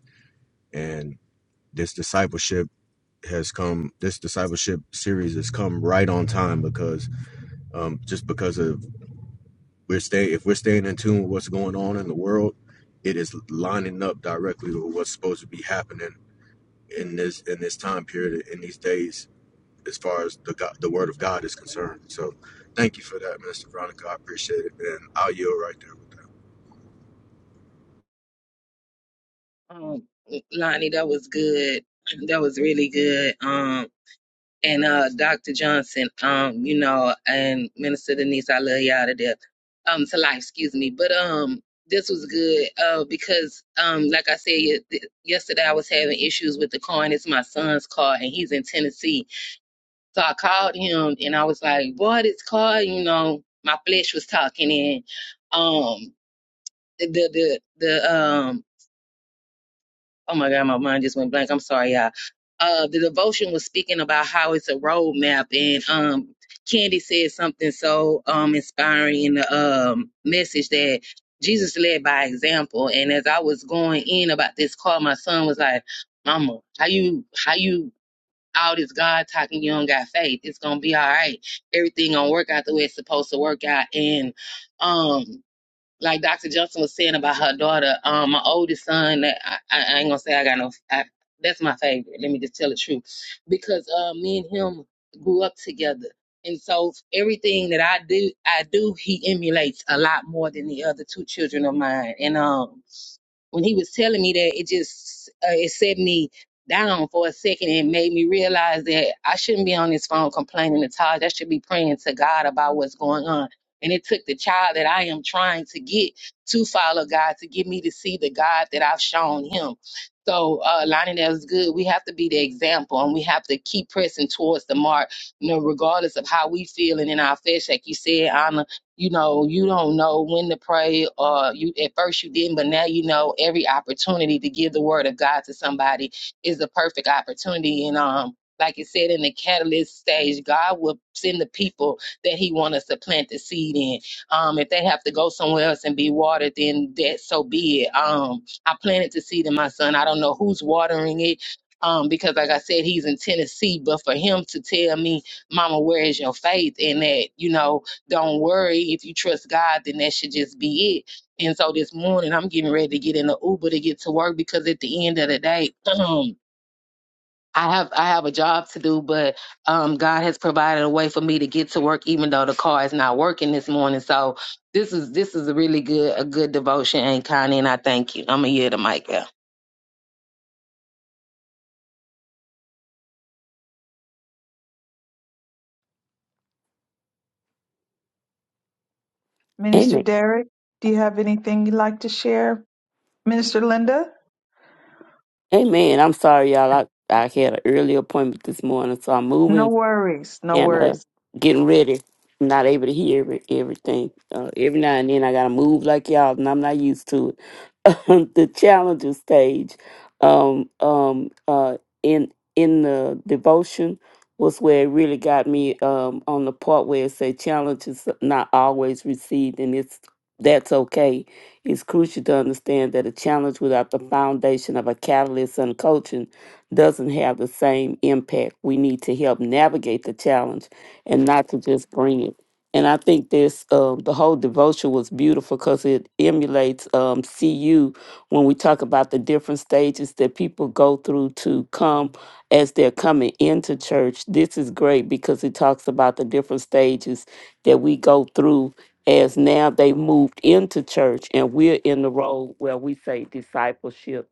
J: and this discipleship has come this discipleship series has come right on time because um just because of we're staying if we're staying in tune with what's going on in the world it is lining up directly with what's supposed to be happening in this in this time period in these days as far as the God, the word of God is concerned. So thank you for that, Minister Veronica. I appreciate it, and I'll yield right there.
A: Um, Lonnie, that was good. That was really good. Um, and uh, Dr. Johnson, um, you know, and Minister Denise, I love y'all to death, um, to life, excuse me. But um, this was good uh, because, um, like I said ye- th- yesterday, I was having issues with the car, and it's my son's car, and he's in Tennessee. So I called him, and I was like, "Boy, this car, you know, my flesh was talking." And um, the the the um, Oh my God, my mind just went blank. I'm sorry, y'all. Uh, the devotion was speaking about how it's a roadmap, and um, Candy said something so um inspiring in the um message that Jesus led by example. And as I was going in about this call, my son was like, "Mama, how you how you all this God talking? You don't got faith. It's gonna be all right. Everything gonna work out the way it's supposed to work out." And um like Dr. Johnson was saying about her daughter, um, my oldest son, I, I I ain't gonna say I got no, I, that's my favorite. Let me just tell the truth. Because uh, me and him grew up together. And so everything that I do, I do, he emulates a lot more than the other two children of mine. And, um, when he was telling me that, it just uh, it set me down for a second and made me realize that I shouldn't be on this phone complaining to Taj. I should be praying to God about what's going on. And it took the child that I am trying to get to follow God to get me to see the God that I've shown him. So, uh, Lonnie, that was good. We have to be the example and we have to keep pressing towards the mark, you know, regardless of how we feel. And in our flesh, like you said, Anna, you know you don't know when to pray or you at first you didn't but now you know every opportunity to give the word of god to somebody is the perfect opportunity and um like it said in the catalyst stage god will send the people that he wants us to plant the seed in um if they have to go somewhere else and be watered then that so be it um i planted the seed in my son i don't know who's watering it um, because like I said, he's in Tennessee, but for him to tell me, Mama, where is your faith? And that, you know, don't worry. If you trust God, then that should just be it. And so this morning I'm getting ready to get in the Uber to get to work because at the end of the day, (clears throat) um, I have I have a job to do, but um, God has provided a way for me to get to work, even though the car is not working this morning. So this is this is a really good a good devotion, and Connie, and I thank you. I'm gonna hear the mic. Out.
E: Minister
C: Amen.
E: Derek, do you have anything you'd like to share? Minister Linda?
C: Amen. I'm sorry, y'all. I, I had an early appointment this morning, so I'm moving
E: No worries, no
C: and uh
E: worries.
C: getting ready. I'm not able to hear every, everything. Uh, every now and then I gotta move like y'all, and I'm not used to it. (laughs) the challenger stage, um, um, uh, in in the devotion was where it really got me um, on the part where it said challenges not always received, and it's that's okay. It's crucial to understand that a challenge without the foundation of a catalyst and coaching doesn't have the same impact. We need to help navigate the challenge and not to just bring it. And I think this, uh, the whole devotion was beautiful because it emulates um, CU when we talk about the different stages that people go through to come as they're coming into church. This is great because it talks about the different stages that we go through as now they moved into church and we're in the role where we say discipleship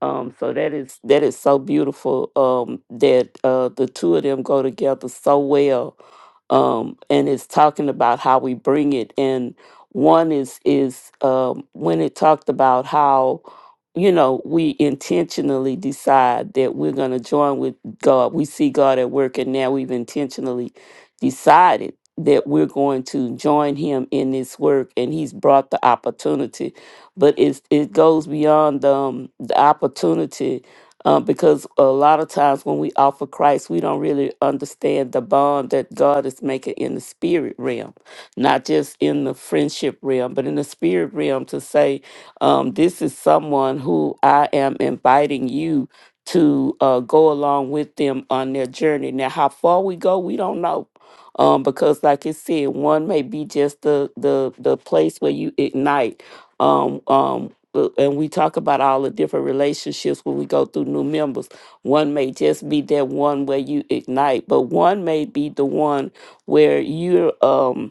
C: um, so that is that is so beautiful um, that uh, the two of them go together so well um, and it's talking about how we bring it. And one is is um, when it talked about how you know we intentionally decide that we're going to join with God. We see God at work, and now we've intentionally decided that we're going to join Him in this work, and He's brought the opportunity. But it's, it goes beyond um, the opportunity uh, because a lot of times when we offer Christ, we don't really understand the bond that God is making in the spirit realm, not just in the friendship realm, but in the spirit realm to say, um, This is someone who I am inviting you to uh, go along with them on their journey. Now, how far we go, we don't know. Um, because like it said, one may be just the the the place where you ignite. Um. Um. But- and we talk about all the different relationships when we go through new members. One may just be that one where you ignite, but one may be the one where you're um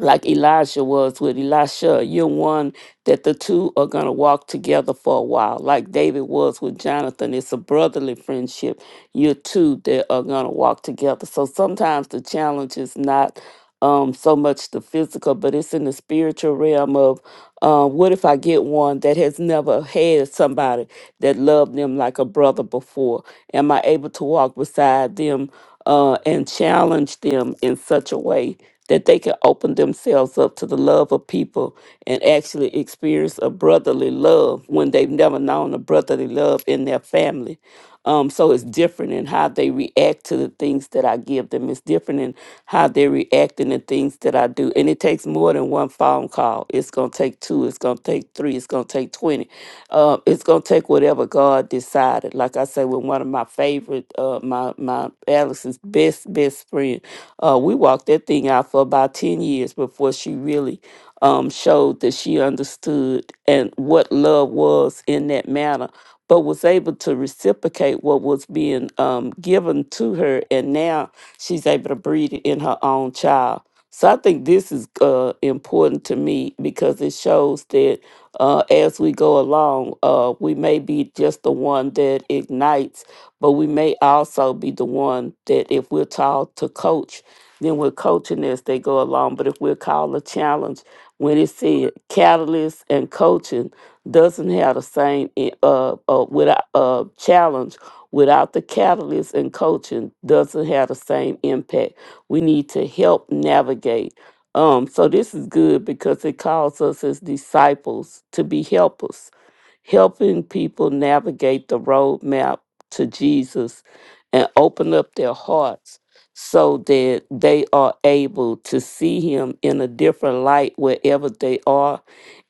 C: like Elijah was with Elisha. You're one that the two are going to walk together for a while, like David was with Jonathan. It's a brotherly friendship. You're two that are going to walk together. So sometimes the challenge is not um, so much the physical, but it's in the spiritual realm of uh, what if I get one that has never had somebody that loved them like a brother before? Am I able to walk beside them uh, and challenge them in such a way? that they can open themselves up to the love of people and actually experience a brotherly love when they've never known a brotherly love in their family. Um, so it's different in how they react to the things that I give them. It's different in how they react in the things that I do. And it takes more than one phone call. It's gonna take take two. It's going to take three. It's going to take 20. Uh, it's going to take whatever God decided. Like I say, with one of my favorite, uh, my, my Alex's best, best friend, uh, we walked that thing out for about 10 years before she really um, showed that she understood and what love was in that manner, but was able to reciprocate what was being um, given to her. And now she's able to breed it in her own child. So I think this is uh, important to me because it shows that uh, as we go along, uh, we may be just the one that ignites, but we may also be the one that, if we're taught to coach, then we're coaching as they go along. But if we're called a challenge, when it said catalyst and coaching doesn't have the same i- uh, uh, without uh, challenge without the catalyst and coaching doesn't have the same impact we need to help navigate. Um, so this is good because it calls us as disciples to be helpers, helping people navigate the roadmap to Jesus and open up their hearts so that they are able to see him in a different light wherever they are.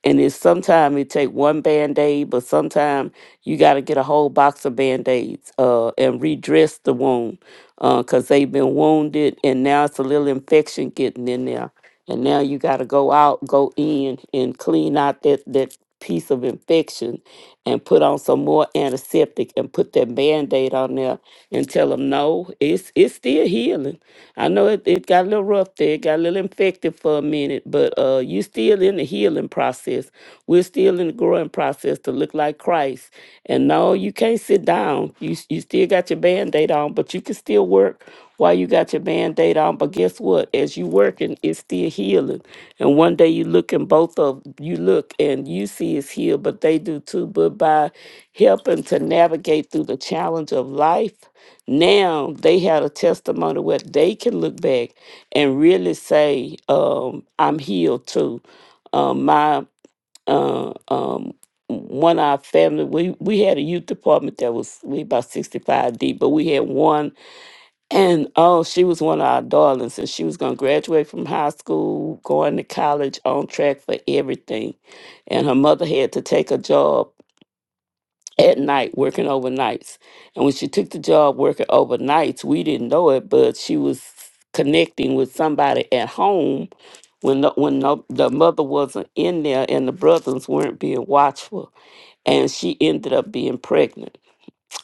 C: And it's sometimes it take one band-aid, but sometimes you gotta get a whole box of band-aids uh, and redress the wound because they've been wounded and now it's a little infection getting in there. And now you got to go out, go in, and clean out that, that piece of infection and put on some more antiseptic and put that band aid on there and tell them, no, it's, it's still healing. I know it, it got a little rough there, it got a little infected for a minute, but uh, you still in the healing process. We're still in the growing process to look like Christ. And no, you can't sit down. You s- you still got your band-aid on, but you can still work while you got your band-aid on. But guess what? As you working, it's still healing. And one day you look and both of you look and you see it's healed, but they do too. But by helping to navigate through the challenge of life, now they had a testimony where they can look back and really say, um, I'm healed too. Um, my uh, um, one of our family, we, we had a youth department that was we about 65 deep, but we had one, and oh, she was one of our darlings, and she was going to graduate from high school, going to college, on track for everything. And her mother had to take a job at night working overnights. And when she took the job working overnights, we didn't know it, but she was connecting with somebody at home when the, when the, the mother wasn't in there and the brothers weren't being watchful and she ended up being pregnant.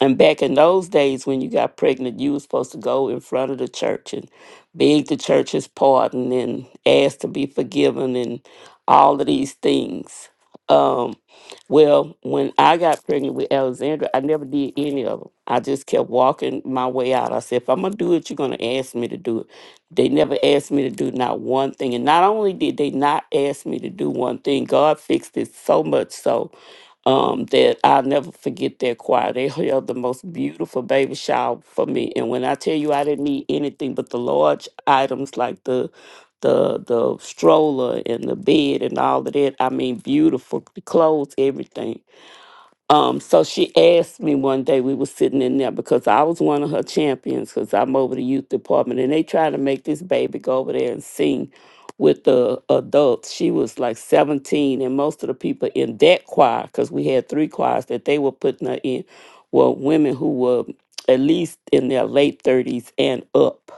C: And back in those days, when you got pregnant, you were supposed to go in front of the church and beg the church's pardon and ask to be forgiven and all of these things. Um, well, when I got pregnant with Alexandra, I never did any of them. I just kept walking my way out. I said, if I'm going to do it, you're going to ask me to do it. They never asked me to do not one thing. And not only did they not ask me to do one thing, God fixed it so much so um, that I'll never forget that choir. They held the most beautiful baby shower for me. And when I tell you I didn't need anything but the large items like the the the stroller and the bed and all of that, I mean beautiful the clothes, everything. Um, so she asked me one day, we were sitting in there because I was one of her champions because I'm over the youth department and they tried to make this baby go over there and sing with the adults. She was like 17 and most of the people in that choir, because we had three choirs that they were putting her in, were women who were at least in their late 30s and up.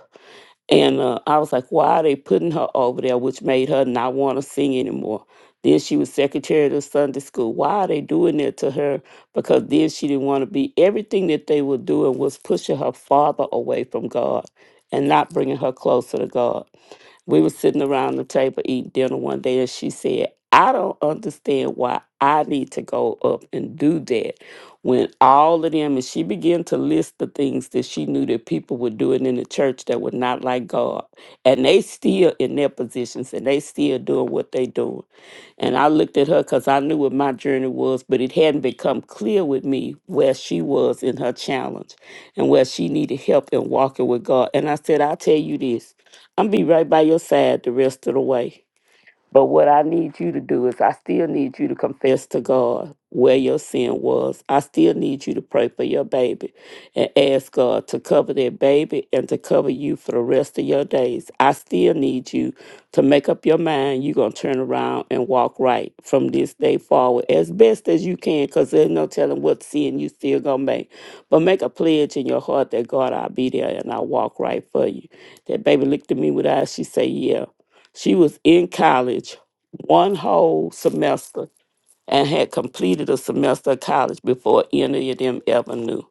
C: And uh, I was like, why are they putting her over there, which made her not want to sing anymore? Then she was secretary of the Sunday school. Why are they doing that to her? Because then she didn't want to be. Everything that they were doing was pushing her father away from God and not bringing her closer to God. We were sitting around the table eating dinner one day, and she said, I don't understand why I need to go up and do that went all of them and she began to list the things that she knew that people were doing in the church that were not like God. And they still in their positions and they still doing what they doing. And I looked at her because I knew what my journey was, but it hadn't become clear with me where she was in her challenge and where she needed help in walking with God. And I said, I'll tell you this, I'm be right by your side the rest of the way. But what I need you to do is, I still need you to confess to God where your sin was. I still need you to pray for your baby and ask God to cover that baby and to cover you for the rest of your days. I still need you to make up your mind you're going to turn around and walk right from this day forward as best as you can because there's no telling what sin you still going to make. But make a pledge in your heart that God, I'll be there and I'll walk right for you. That baby looked at me with eyes, she said, Yeah. She was in college one whole semester and had completed a semester of college before any of them ever knew.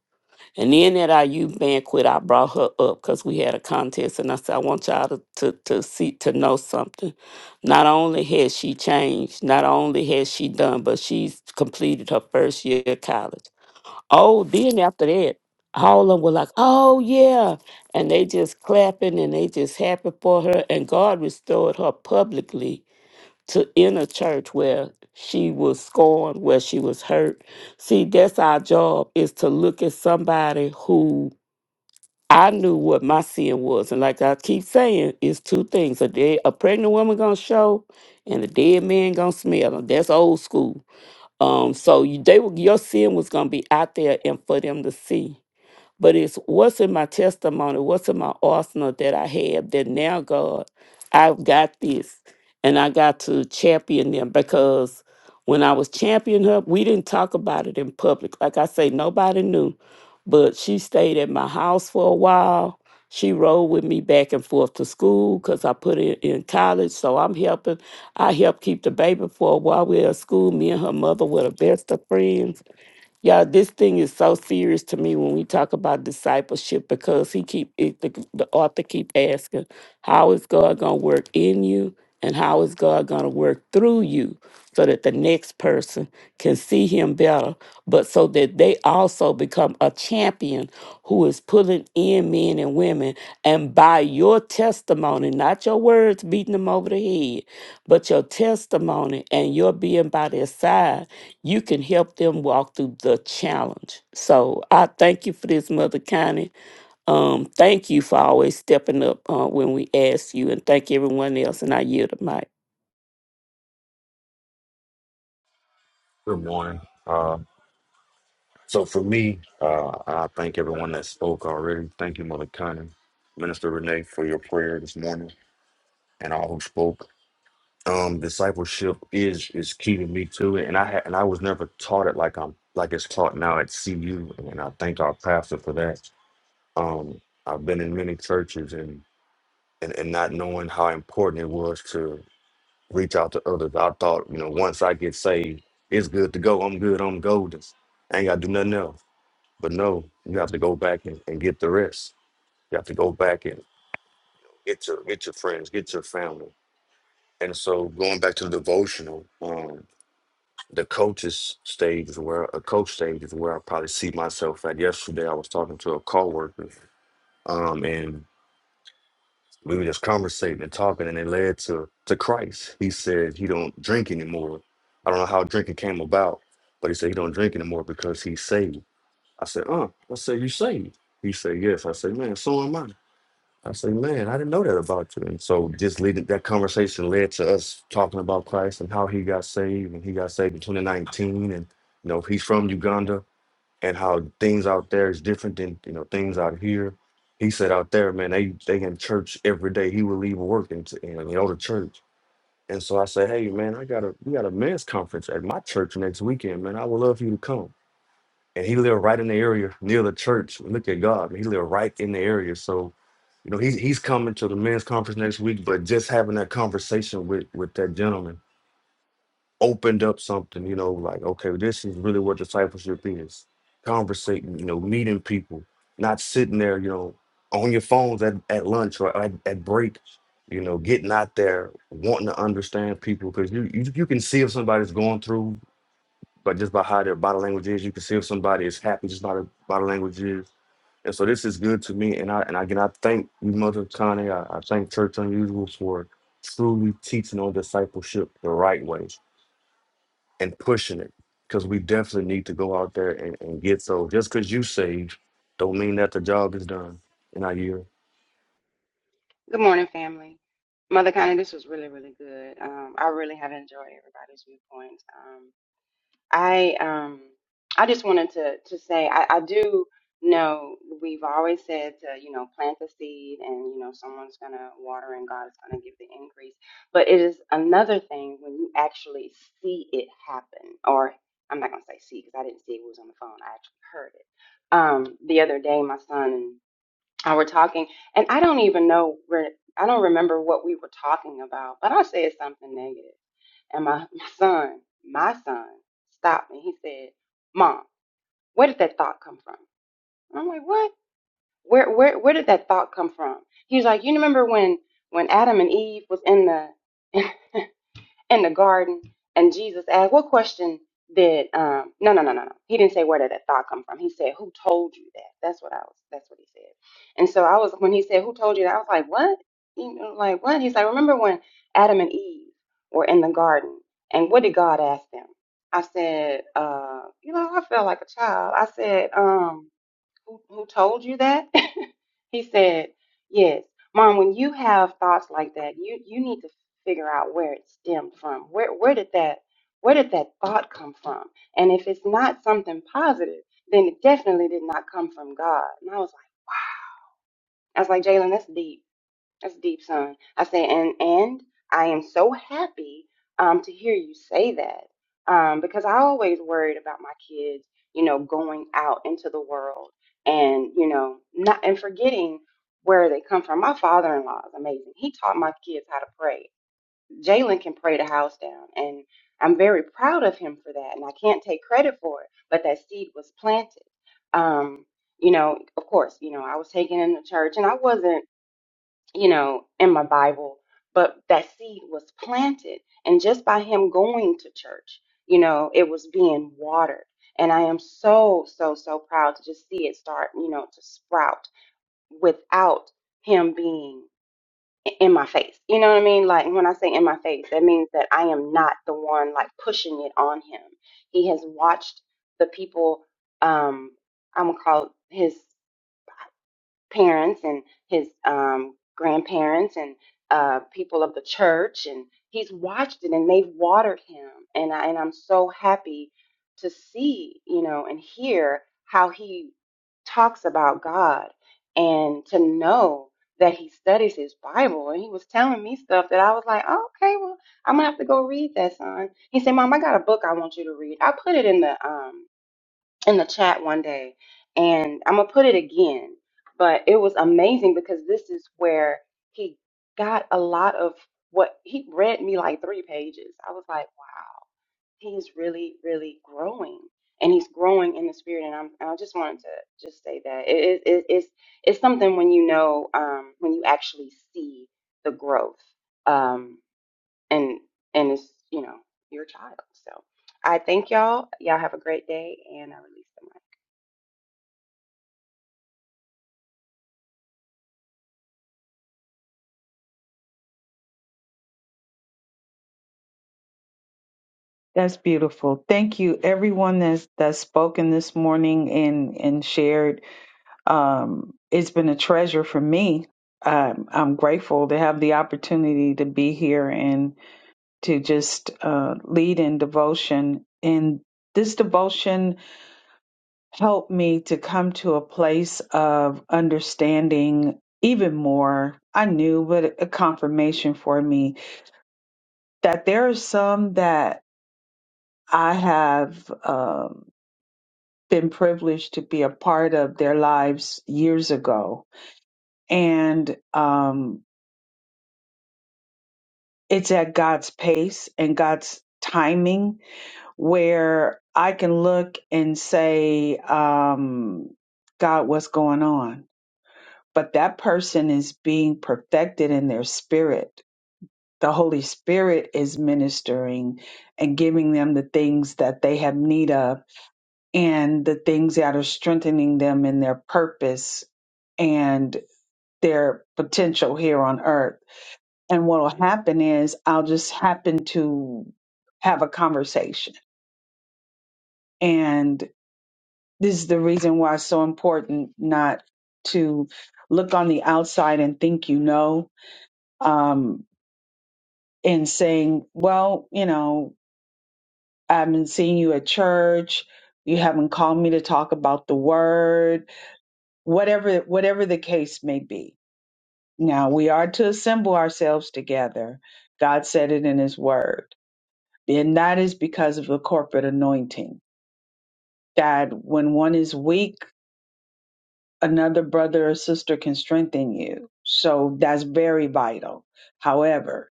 C: And then at our youth banquet, I brought her up because we had a contest, and I said, "I want y'all to, to to see to know something. Not only has she changed, not only has she done, but she's completed her first year of college. Oh, then after that, all of them were like, oh, yeah. And they just clapping and they just happy for her. And God restored her publicly to inner church where she was scorned, where she was hurt. See, that's our job is to look at somebody who I knew what my sin was. And like I keep saying, it's two things. A dead, a pregnant woman gonna show and a dead man gonna smell. 'em. that's old school. Um, so you, they were, your sin was going to be out there and for them to see. But it's what's in my testimony, what's in my arsenal that I have that now, God, I've got this and I got to champion them because when I was championing her, we didn't talk about it in public. Like I say, nobody knew, but she stayed at my house for a while. She rode with me back and forth to school because I put her in college. So I'm helping. I helped keep the baby for a while. We were at school. Me and her mother were the best of friends yeah, this thing is so serious to me when we talk about discipleship because he keep it, the, the author keep asking, how is God going to work in you and how is God going to work through you so that the next person can see him better, but so that they also become a champion who is pulling in men and women and by your testimony, not your words beating them over the head, but your testimony and your being by their side, you can help them walk through the challenge. So I thank you for this, Mother Connie. Um, thank you for always stepping up uh, when we ask you, and thank everyone else. And I yield the mic.
D: Good morning. Uh, so for me, uh, I thank everyone that spoke already. Thank you, Mother Cunning, Minister Renee, for your prayer this morning, and all who spoke. Um, discipleship is is key to me too, and I ha- and I was never taught it like I'm like it's taught now at CU, and I thank our pastor for that. Um, I've been in many churches and and, and not knowing how important it was reach out to others. I thought, you know, once I get saved, it's good to go. I'm good. I'm golden. I ain't got to do nothing else. But no, you have to go back and, and get the rest. You have to go back and get your get your friends, get your family. And so going back to the devotional, um, the coaches stage is where a coach stage is where I probably see myself at. Yesterday, I was talking to a coworker, um, and We were just conversating and talking, and it led to to Christ. He said he don't drink anymore. I don't know how drinking came about, but he said he don't drink anymore because he's saved. I said, uh, I said, you saved? He said, yes. I said, man, so am I. I said, man, I didn't know that about you. And so just leading that conversation led to us talking about Christ and how he got saved and he got saved in 2019. And you know, he's from Uganda and how things out there is different than you know things out here. He said out there, man, they they in church every day. He would leave work and, t- and go to church. And so I said, hey man, I got a we got a men's conference at my church next weekend, man. I would love for you to come. And he lived right in the area near the church. Look at God, he lived right in the area. So you know he's he's coming to the men's conference next week. But just having that conversation with with that gentleman opened up something, you know, like, okay, this is really what discipleship is. Conversating, you know, meeting people, not sitting there, you know, on your phones at, at lunch or at, at break, you know, getting out there, wanting to understand people. Cause you, you you can see if somebody's going through, but just by how their body language is, you can see if somebody is happy just by their body language is. And so this is good to me. And I and again I thank you, Mother Connie. I, I thank Church Unusual for truly teaching on discipleship the right way and pushing it because we definitely need to go out there and, and get those. Just because you saved, don't mean that the job is done in our year.
K: Good morning, family. Mother Connie, this was really, really good. Um, I really have enjoyed everybody's viewpoints. Um, I um, I just wanted to to say I, I do know we've always said to you know plant the seed and you know someone's gonna water and God is gonna give the increase. But it is another thing when you actually see it happen. Or I'm not gonna say see because I didn't see it, it was on the phone. I actually heard it. Um, the other day, my son I were talking and i don't even know where i don't remember what we were talking about but i said something negative negative. and my, my son my son stopped me he said mom where did that thought come from and i'm like what where where where did that thought come from he was like you remember when when adam and eve was in the in the garden and Jesus asked, What question did um no no no no no. He didn't say where did that thought come from. He said, Who told you that? That's what I was that's what he said. And so I was when he said, Who told you that? I was like, What? You know, like what? He's like, Remember when Adam and Eve were in the garden and what did God ask them? I said, uh, you know, I felt like a child. I said, um, who, who told you that? (laughs) he said, Yes. Mom, when you have thoughts like that, you, you need to figure out where it stemmed from. Where where did that where did that thought come from? And if it's not something positive, then it definitely did not come from God. And I was like, "Wow." I was like, Jalen, that's deep. That's deep, son. I say, and and I am so happy um to hear you say that um because I always worried about my kids, you know, going out into the world and you know not and forgetting where they come from. My father-in-law is amazing. He taught my kids how to pray. Jalen can pray the house down, and I'm very proud of him for that. And I can't take credit for it, but that seed was planted. Um, you know, of course, you know, I was taken into church, and I wasn't you know, in my Bible, but that seed was planted. And just by him going to church, you know, it was being watered. And I am so, so, so proud to just see it start, you know, to sprout without him being i- in my face. You know what I mean? Like when I say in my face, that means that I am not the one like pushing it on him. He has watched the people, um, I'm gonna call it his parents and his um, grandparents and uh, people of the church, and he's watched it and they've watered him. And I, and I'm so happy to see, you know, and hear how he talks about God and to know that he studies his Bible. And he was telling me stuff that I was like, oh, okay, well, I'm gonna have to go read that, son. He said, Mom, I got a book I want you to read. I put it in the um in the chat one day and I'm gonna put it again. But it was amazing because this is where he got a lot of what he read me like three pages. I was like, wow, he is really, really growing. And he's growing in the spirit, and I'm. and I just wanted to just say that it, it, it- it's it's something when you know um, when you actually see the growth, um, and and it's you know your child. So I thank y'all. Y'all have a great day, and I release the mic.
E: That's beautiful. Thank you, everyone that's that's spoken this morning and and shared. Um, it's been a treasure for me. Um, I'm grateful to have the opportunity to be here and. to just uh, lead in devotion. And this devotion helped me to come to a place of understanding even more. I knew, but a confirmation for me that there are some that I have um, been privileged to be a part of their lives years ago. And um, it's at God's pace and God's timing where I can look and say, um, God, what's going on? But that person is being perfected in their spirit. The Holy Spirit is ministering and giving them the things that they have need of and the things that are strengthening them in their purpose and their potential here on earth. And what will happen is I'll just happen to have a conversation. and. this is the reason why it's so important not to look on the outside and think you know um, and saying well you know i haven't seen you at church you haven't called me to talk about the word whatever whatever the case may be now we are to assemble ourselves together god said it in his word and that is because of the corporate anointing that when one is weak another brother or sister can strengthen you. So that's very vital. However,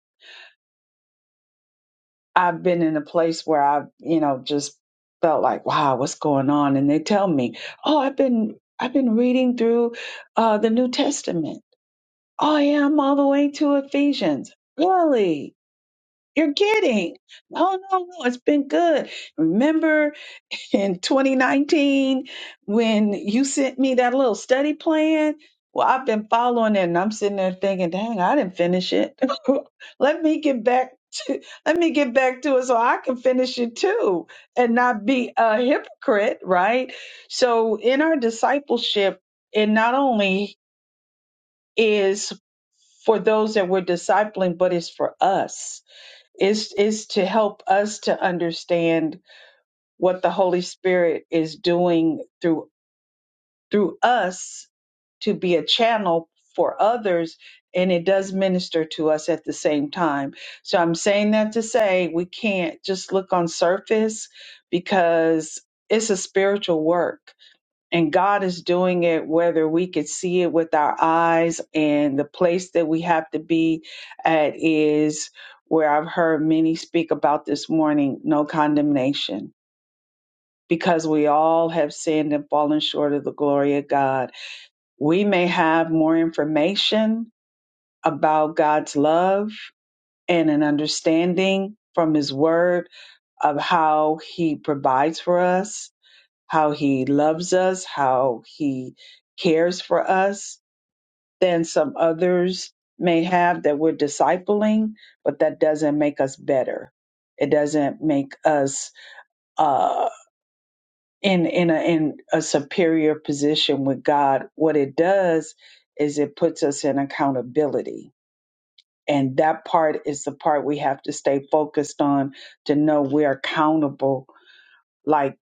E: I've been in a place where I've, you know, just felt like, wow, what's going on? And they tell me, oh, I've been, I've been reading through uh, the New Testament. Oh, yeah, I'm all the way to Ephesians. Really? You're kidding. No, no, no. It's been good. Remember in 2019 when you sent me that little study plan. Well, I've been following it and I'm sitting there thinking, dang, I didn't finish it. (laughs) let me get back to let me get back to it so I can finish it too and not be a hypocrite, right? So in our discipleship, it not only is for those that we're discipling, but it's for us. It's is to help us to understand what the Holy Spirit is doing through through us to be a channel for others and it does minister to us at the same time so i'm saying that to say we can't just look on surface because it's a spiritual work and god is doing it whether we could see it with our eyes and the place that we have to be at is where i've heard many speak about this morning no condemnation because we all have sinned and fallen short of the glory of god we may have more information about God's love and an understanding from His Word of how He provides for us, how He loves us, how He cares for us than some others may have that we're discipling, but that doesn't make us better. It doesn't make us uh, in in a in a superior position with God, what it does is it puts us in accountability. And that part is the part we have to stay focused on to know we're accountable, like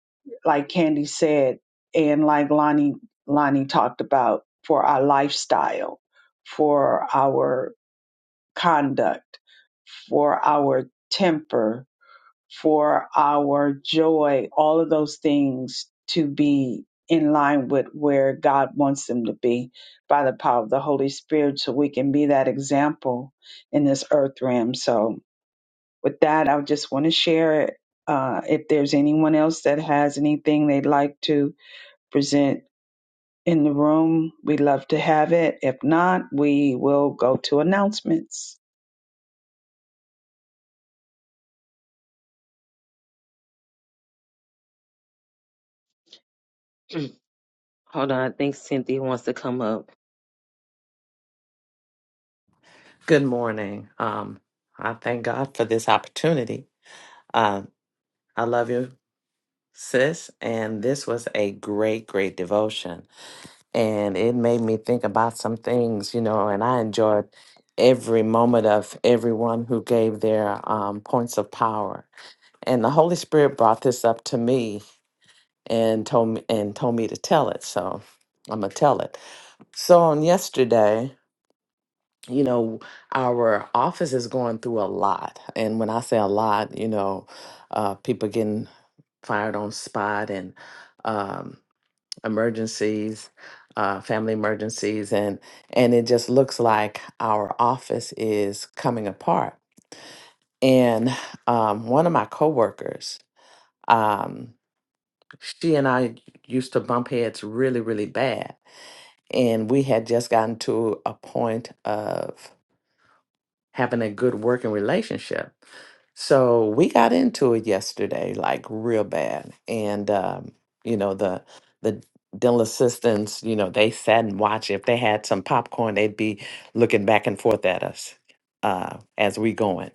E: like Candy said, and like Lonnie Lonnie talked about for our lifestyle, for our conduct, for our temper, for our joy, all of those things to be in line with where God wants them to be by the power of the Holy Spirit so we can be that example in this earth realm. So with that, I just want to share it. Uh, if there's anyone else that has anything they'd like to present in the room, we'd love to have it. If not, we will go to announcements.
A: (clears throat) Hold on, I think Cynthia wants to come up.
L: Good morning. Um, I thank God for this opportunity. Um, I love you, sis. And this was a great, great devotion. And it made me think about some things, you know, and I enjoyed every moment of everyone who gave their um, points of power. And the Holy Spirit brought this up to me and told me and told me to tell it. So I'm gonna tell it. So on yesterday, you know, our office is going through a lot. And when I say a lot, you know, uh, people getting fired on spot and um, emergencies, uh, family emergencies, and and it just looks like our office is coming apart. And um, one of my coworkers, um, she and I used to bump heads really, really bad, and we had just gotten to a point of having a good working relationship So we got into it yesterday, like real bad. And um, you know, the the dental assistants, you know, they sat and watched. If they had some popcorn, they'd be looking back and forth at us uh as we going.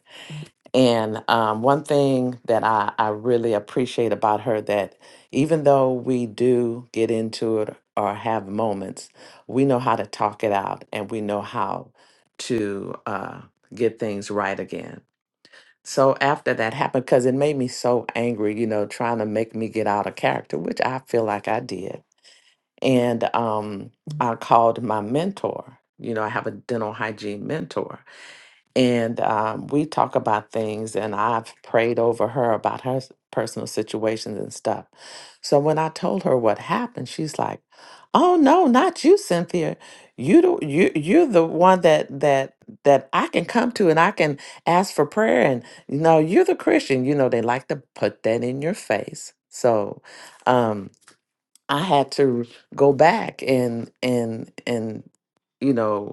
L: And um one thing that I, I really appreciate about her that even though we do get into it or have moments, we know how to talk it out and we know how to uh get things right again so after that happened because it made me so angry you know trying to make me get out of character which i feel like i did and um i called my mentor you know i have a dental hygiene mentor and um, we talk about things and i've prayed over her about her s- personal situations and stuff so when i told her what happened she's like oh no not you cynthia you do, you you're the one that that that i can come to and i can ask for prayer and you know you're the christian you know they like to put that in your face so um i had to go back and and and you know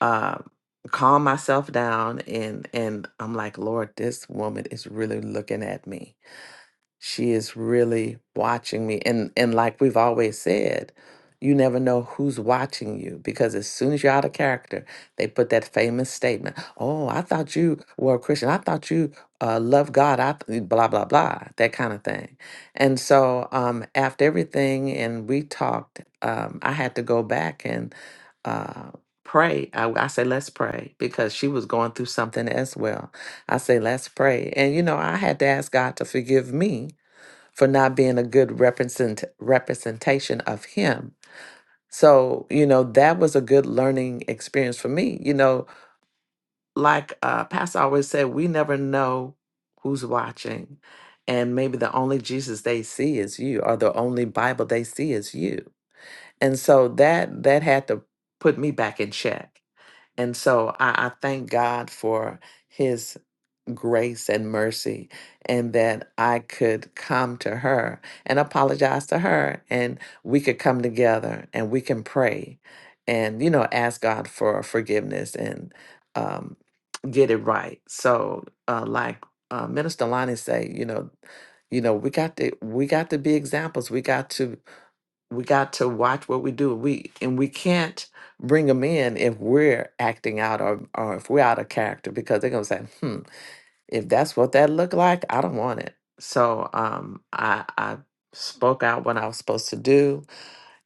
L: uh, calm myself down and and I'm like, Lord, this woman is really looking at me she is really watching me and and like we've always said you never know who's watching you because as soon as you're out of character they put that famous statement oh i thought you were a christian i thought you uh, love god i th- blah blah blah that kind of thing and so um, after everything and we talked um, i had to go back and uh, pray I, I say let's pray because she was going through something as well i say let's pray and you know i had to ask god to forgive me for not being a good represent, representation of him. So, you know, that was a good learning experience for me. You know, like uh, Pastor always said, we never know who's watching. And maybe the only Jesus they see is you, or the only Bible they see is you. And so that that had to put me back in check. And so I, I thank God for his grace and mercy and that I could come to her and apologize to her and we could come together and we can pray and you know ask God for forgiveness and um get it right. So uh like uh, Minister Lonnie say, you know, you know, we got to we got to be examples. We got to we got to watch what we do. We and we can't bring them in if we're acting out or or if we're out of character because they're gonna say, hmm if that's what that looked like, I don't want it. So um, I, I spoke out what I was supposed to do,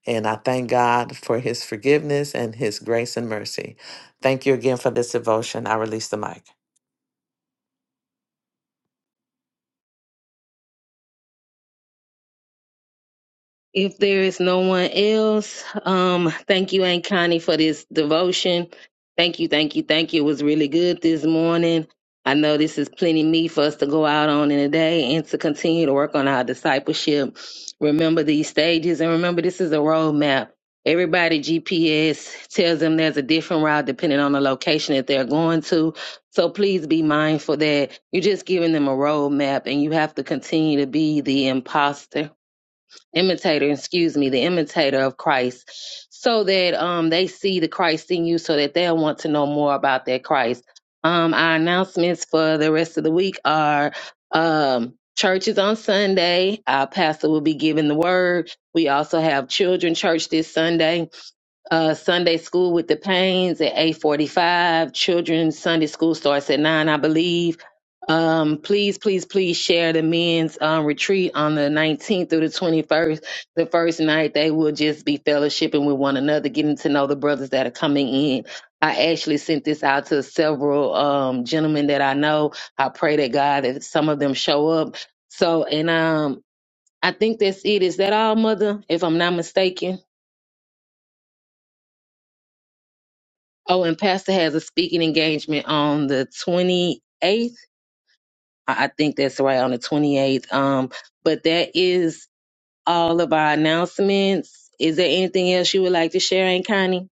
L: and I thank God for His forgiveness and His grace and mercy. Thank you again for this devotion. I release the mic.
A: If there is no one else, um, thank you, Aunt Connie, for this devotion. Thank you, thank you, thank you. It was really good this morning. I know this is plenty meat for us to go out on in a day and to continue to work on our discipleship. Remember these stages and remember this is a roadmap. Everybody GPS tells them there's a different route depending on the location that they're going to. So please be mindful that you're just giving them a roadmap and you have to continue to be the imposter imitator, excuse me, the imitator of Christ, so that um they see the Christ in you, so that they'll want to know more about that Christ. Um, our announcements for the rest of the week are um churches on Sunday. Our pastor will be giving the word. We also have children church this Sunday. Uh Sunday school with the pains at 845. Children's Sunday school starts at nine, I believe. Um, please, please, please share the men's um, retreat on the 19th through the 21st. The first night, they will just be fellowshipping with one another, getting to know the brothers that are coming in. I actually sent this out to several um, gentlemen that I know. I pray that God that some of them show up. So, and um, I think that's it. Is that all, Mother? If I'm not mistaken. Oh, and Pastor has a speaking engagement on the 28th. I I think that's right on the 28th. Um, but that is all of our announcements. Is there anything else you would like to share, Aunt Connie?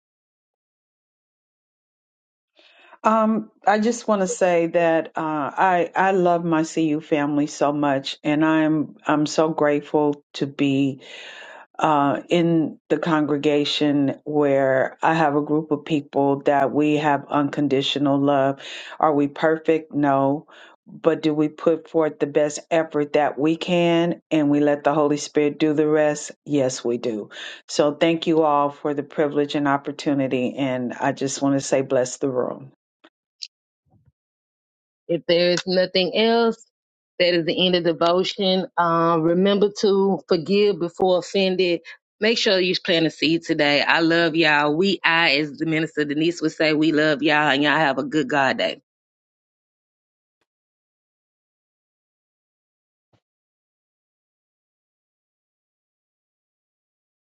E: Um, I just want to say that uh, I I love my CU family so much, and I'm I'm so grateful to be uh, in the congregation where I have a group of people that we have unconditional love. Are we perfect? No, but do we put forth the best effort that we can, and we let the Holy Spirit do the rest? Yes, we do. So thank you all for the privilege and opportunity, and I just want to say bless the room.
A: If there's nothing else, that is the end of devotion. Um, remember to forgive before offended. Make sure you plant a seed today. I love y'all. We, I, as the minister Denise would say, we love y'all, and y'all have a good God day.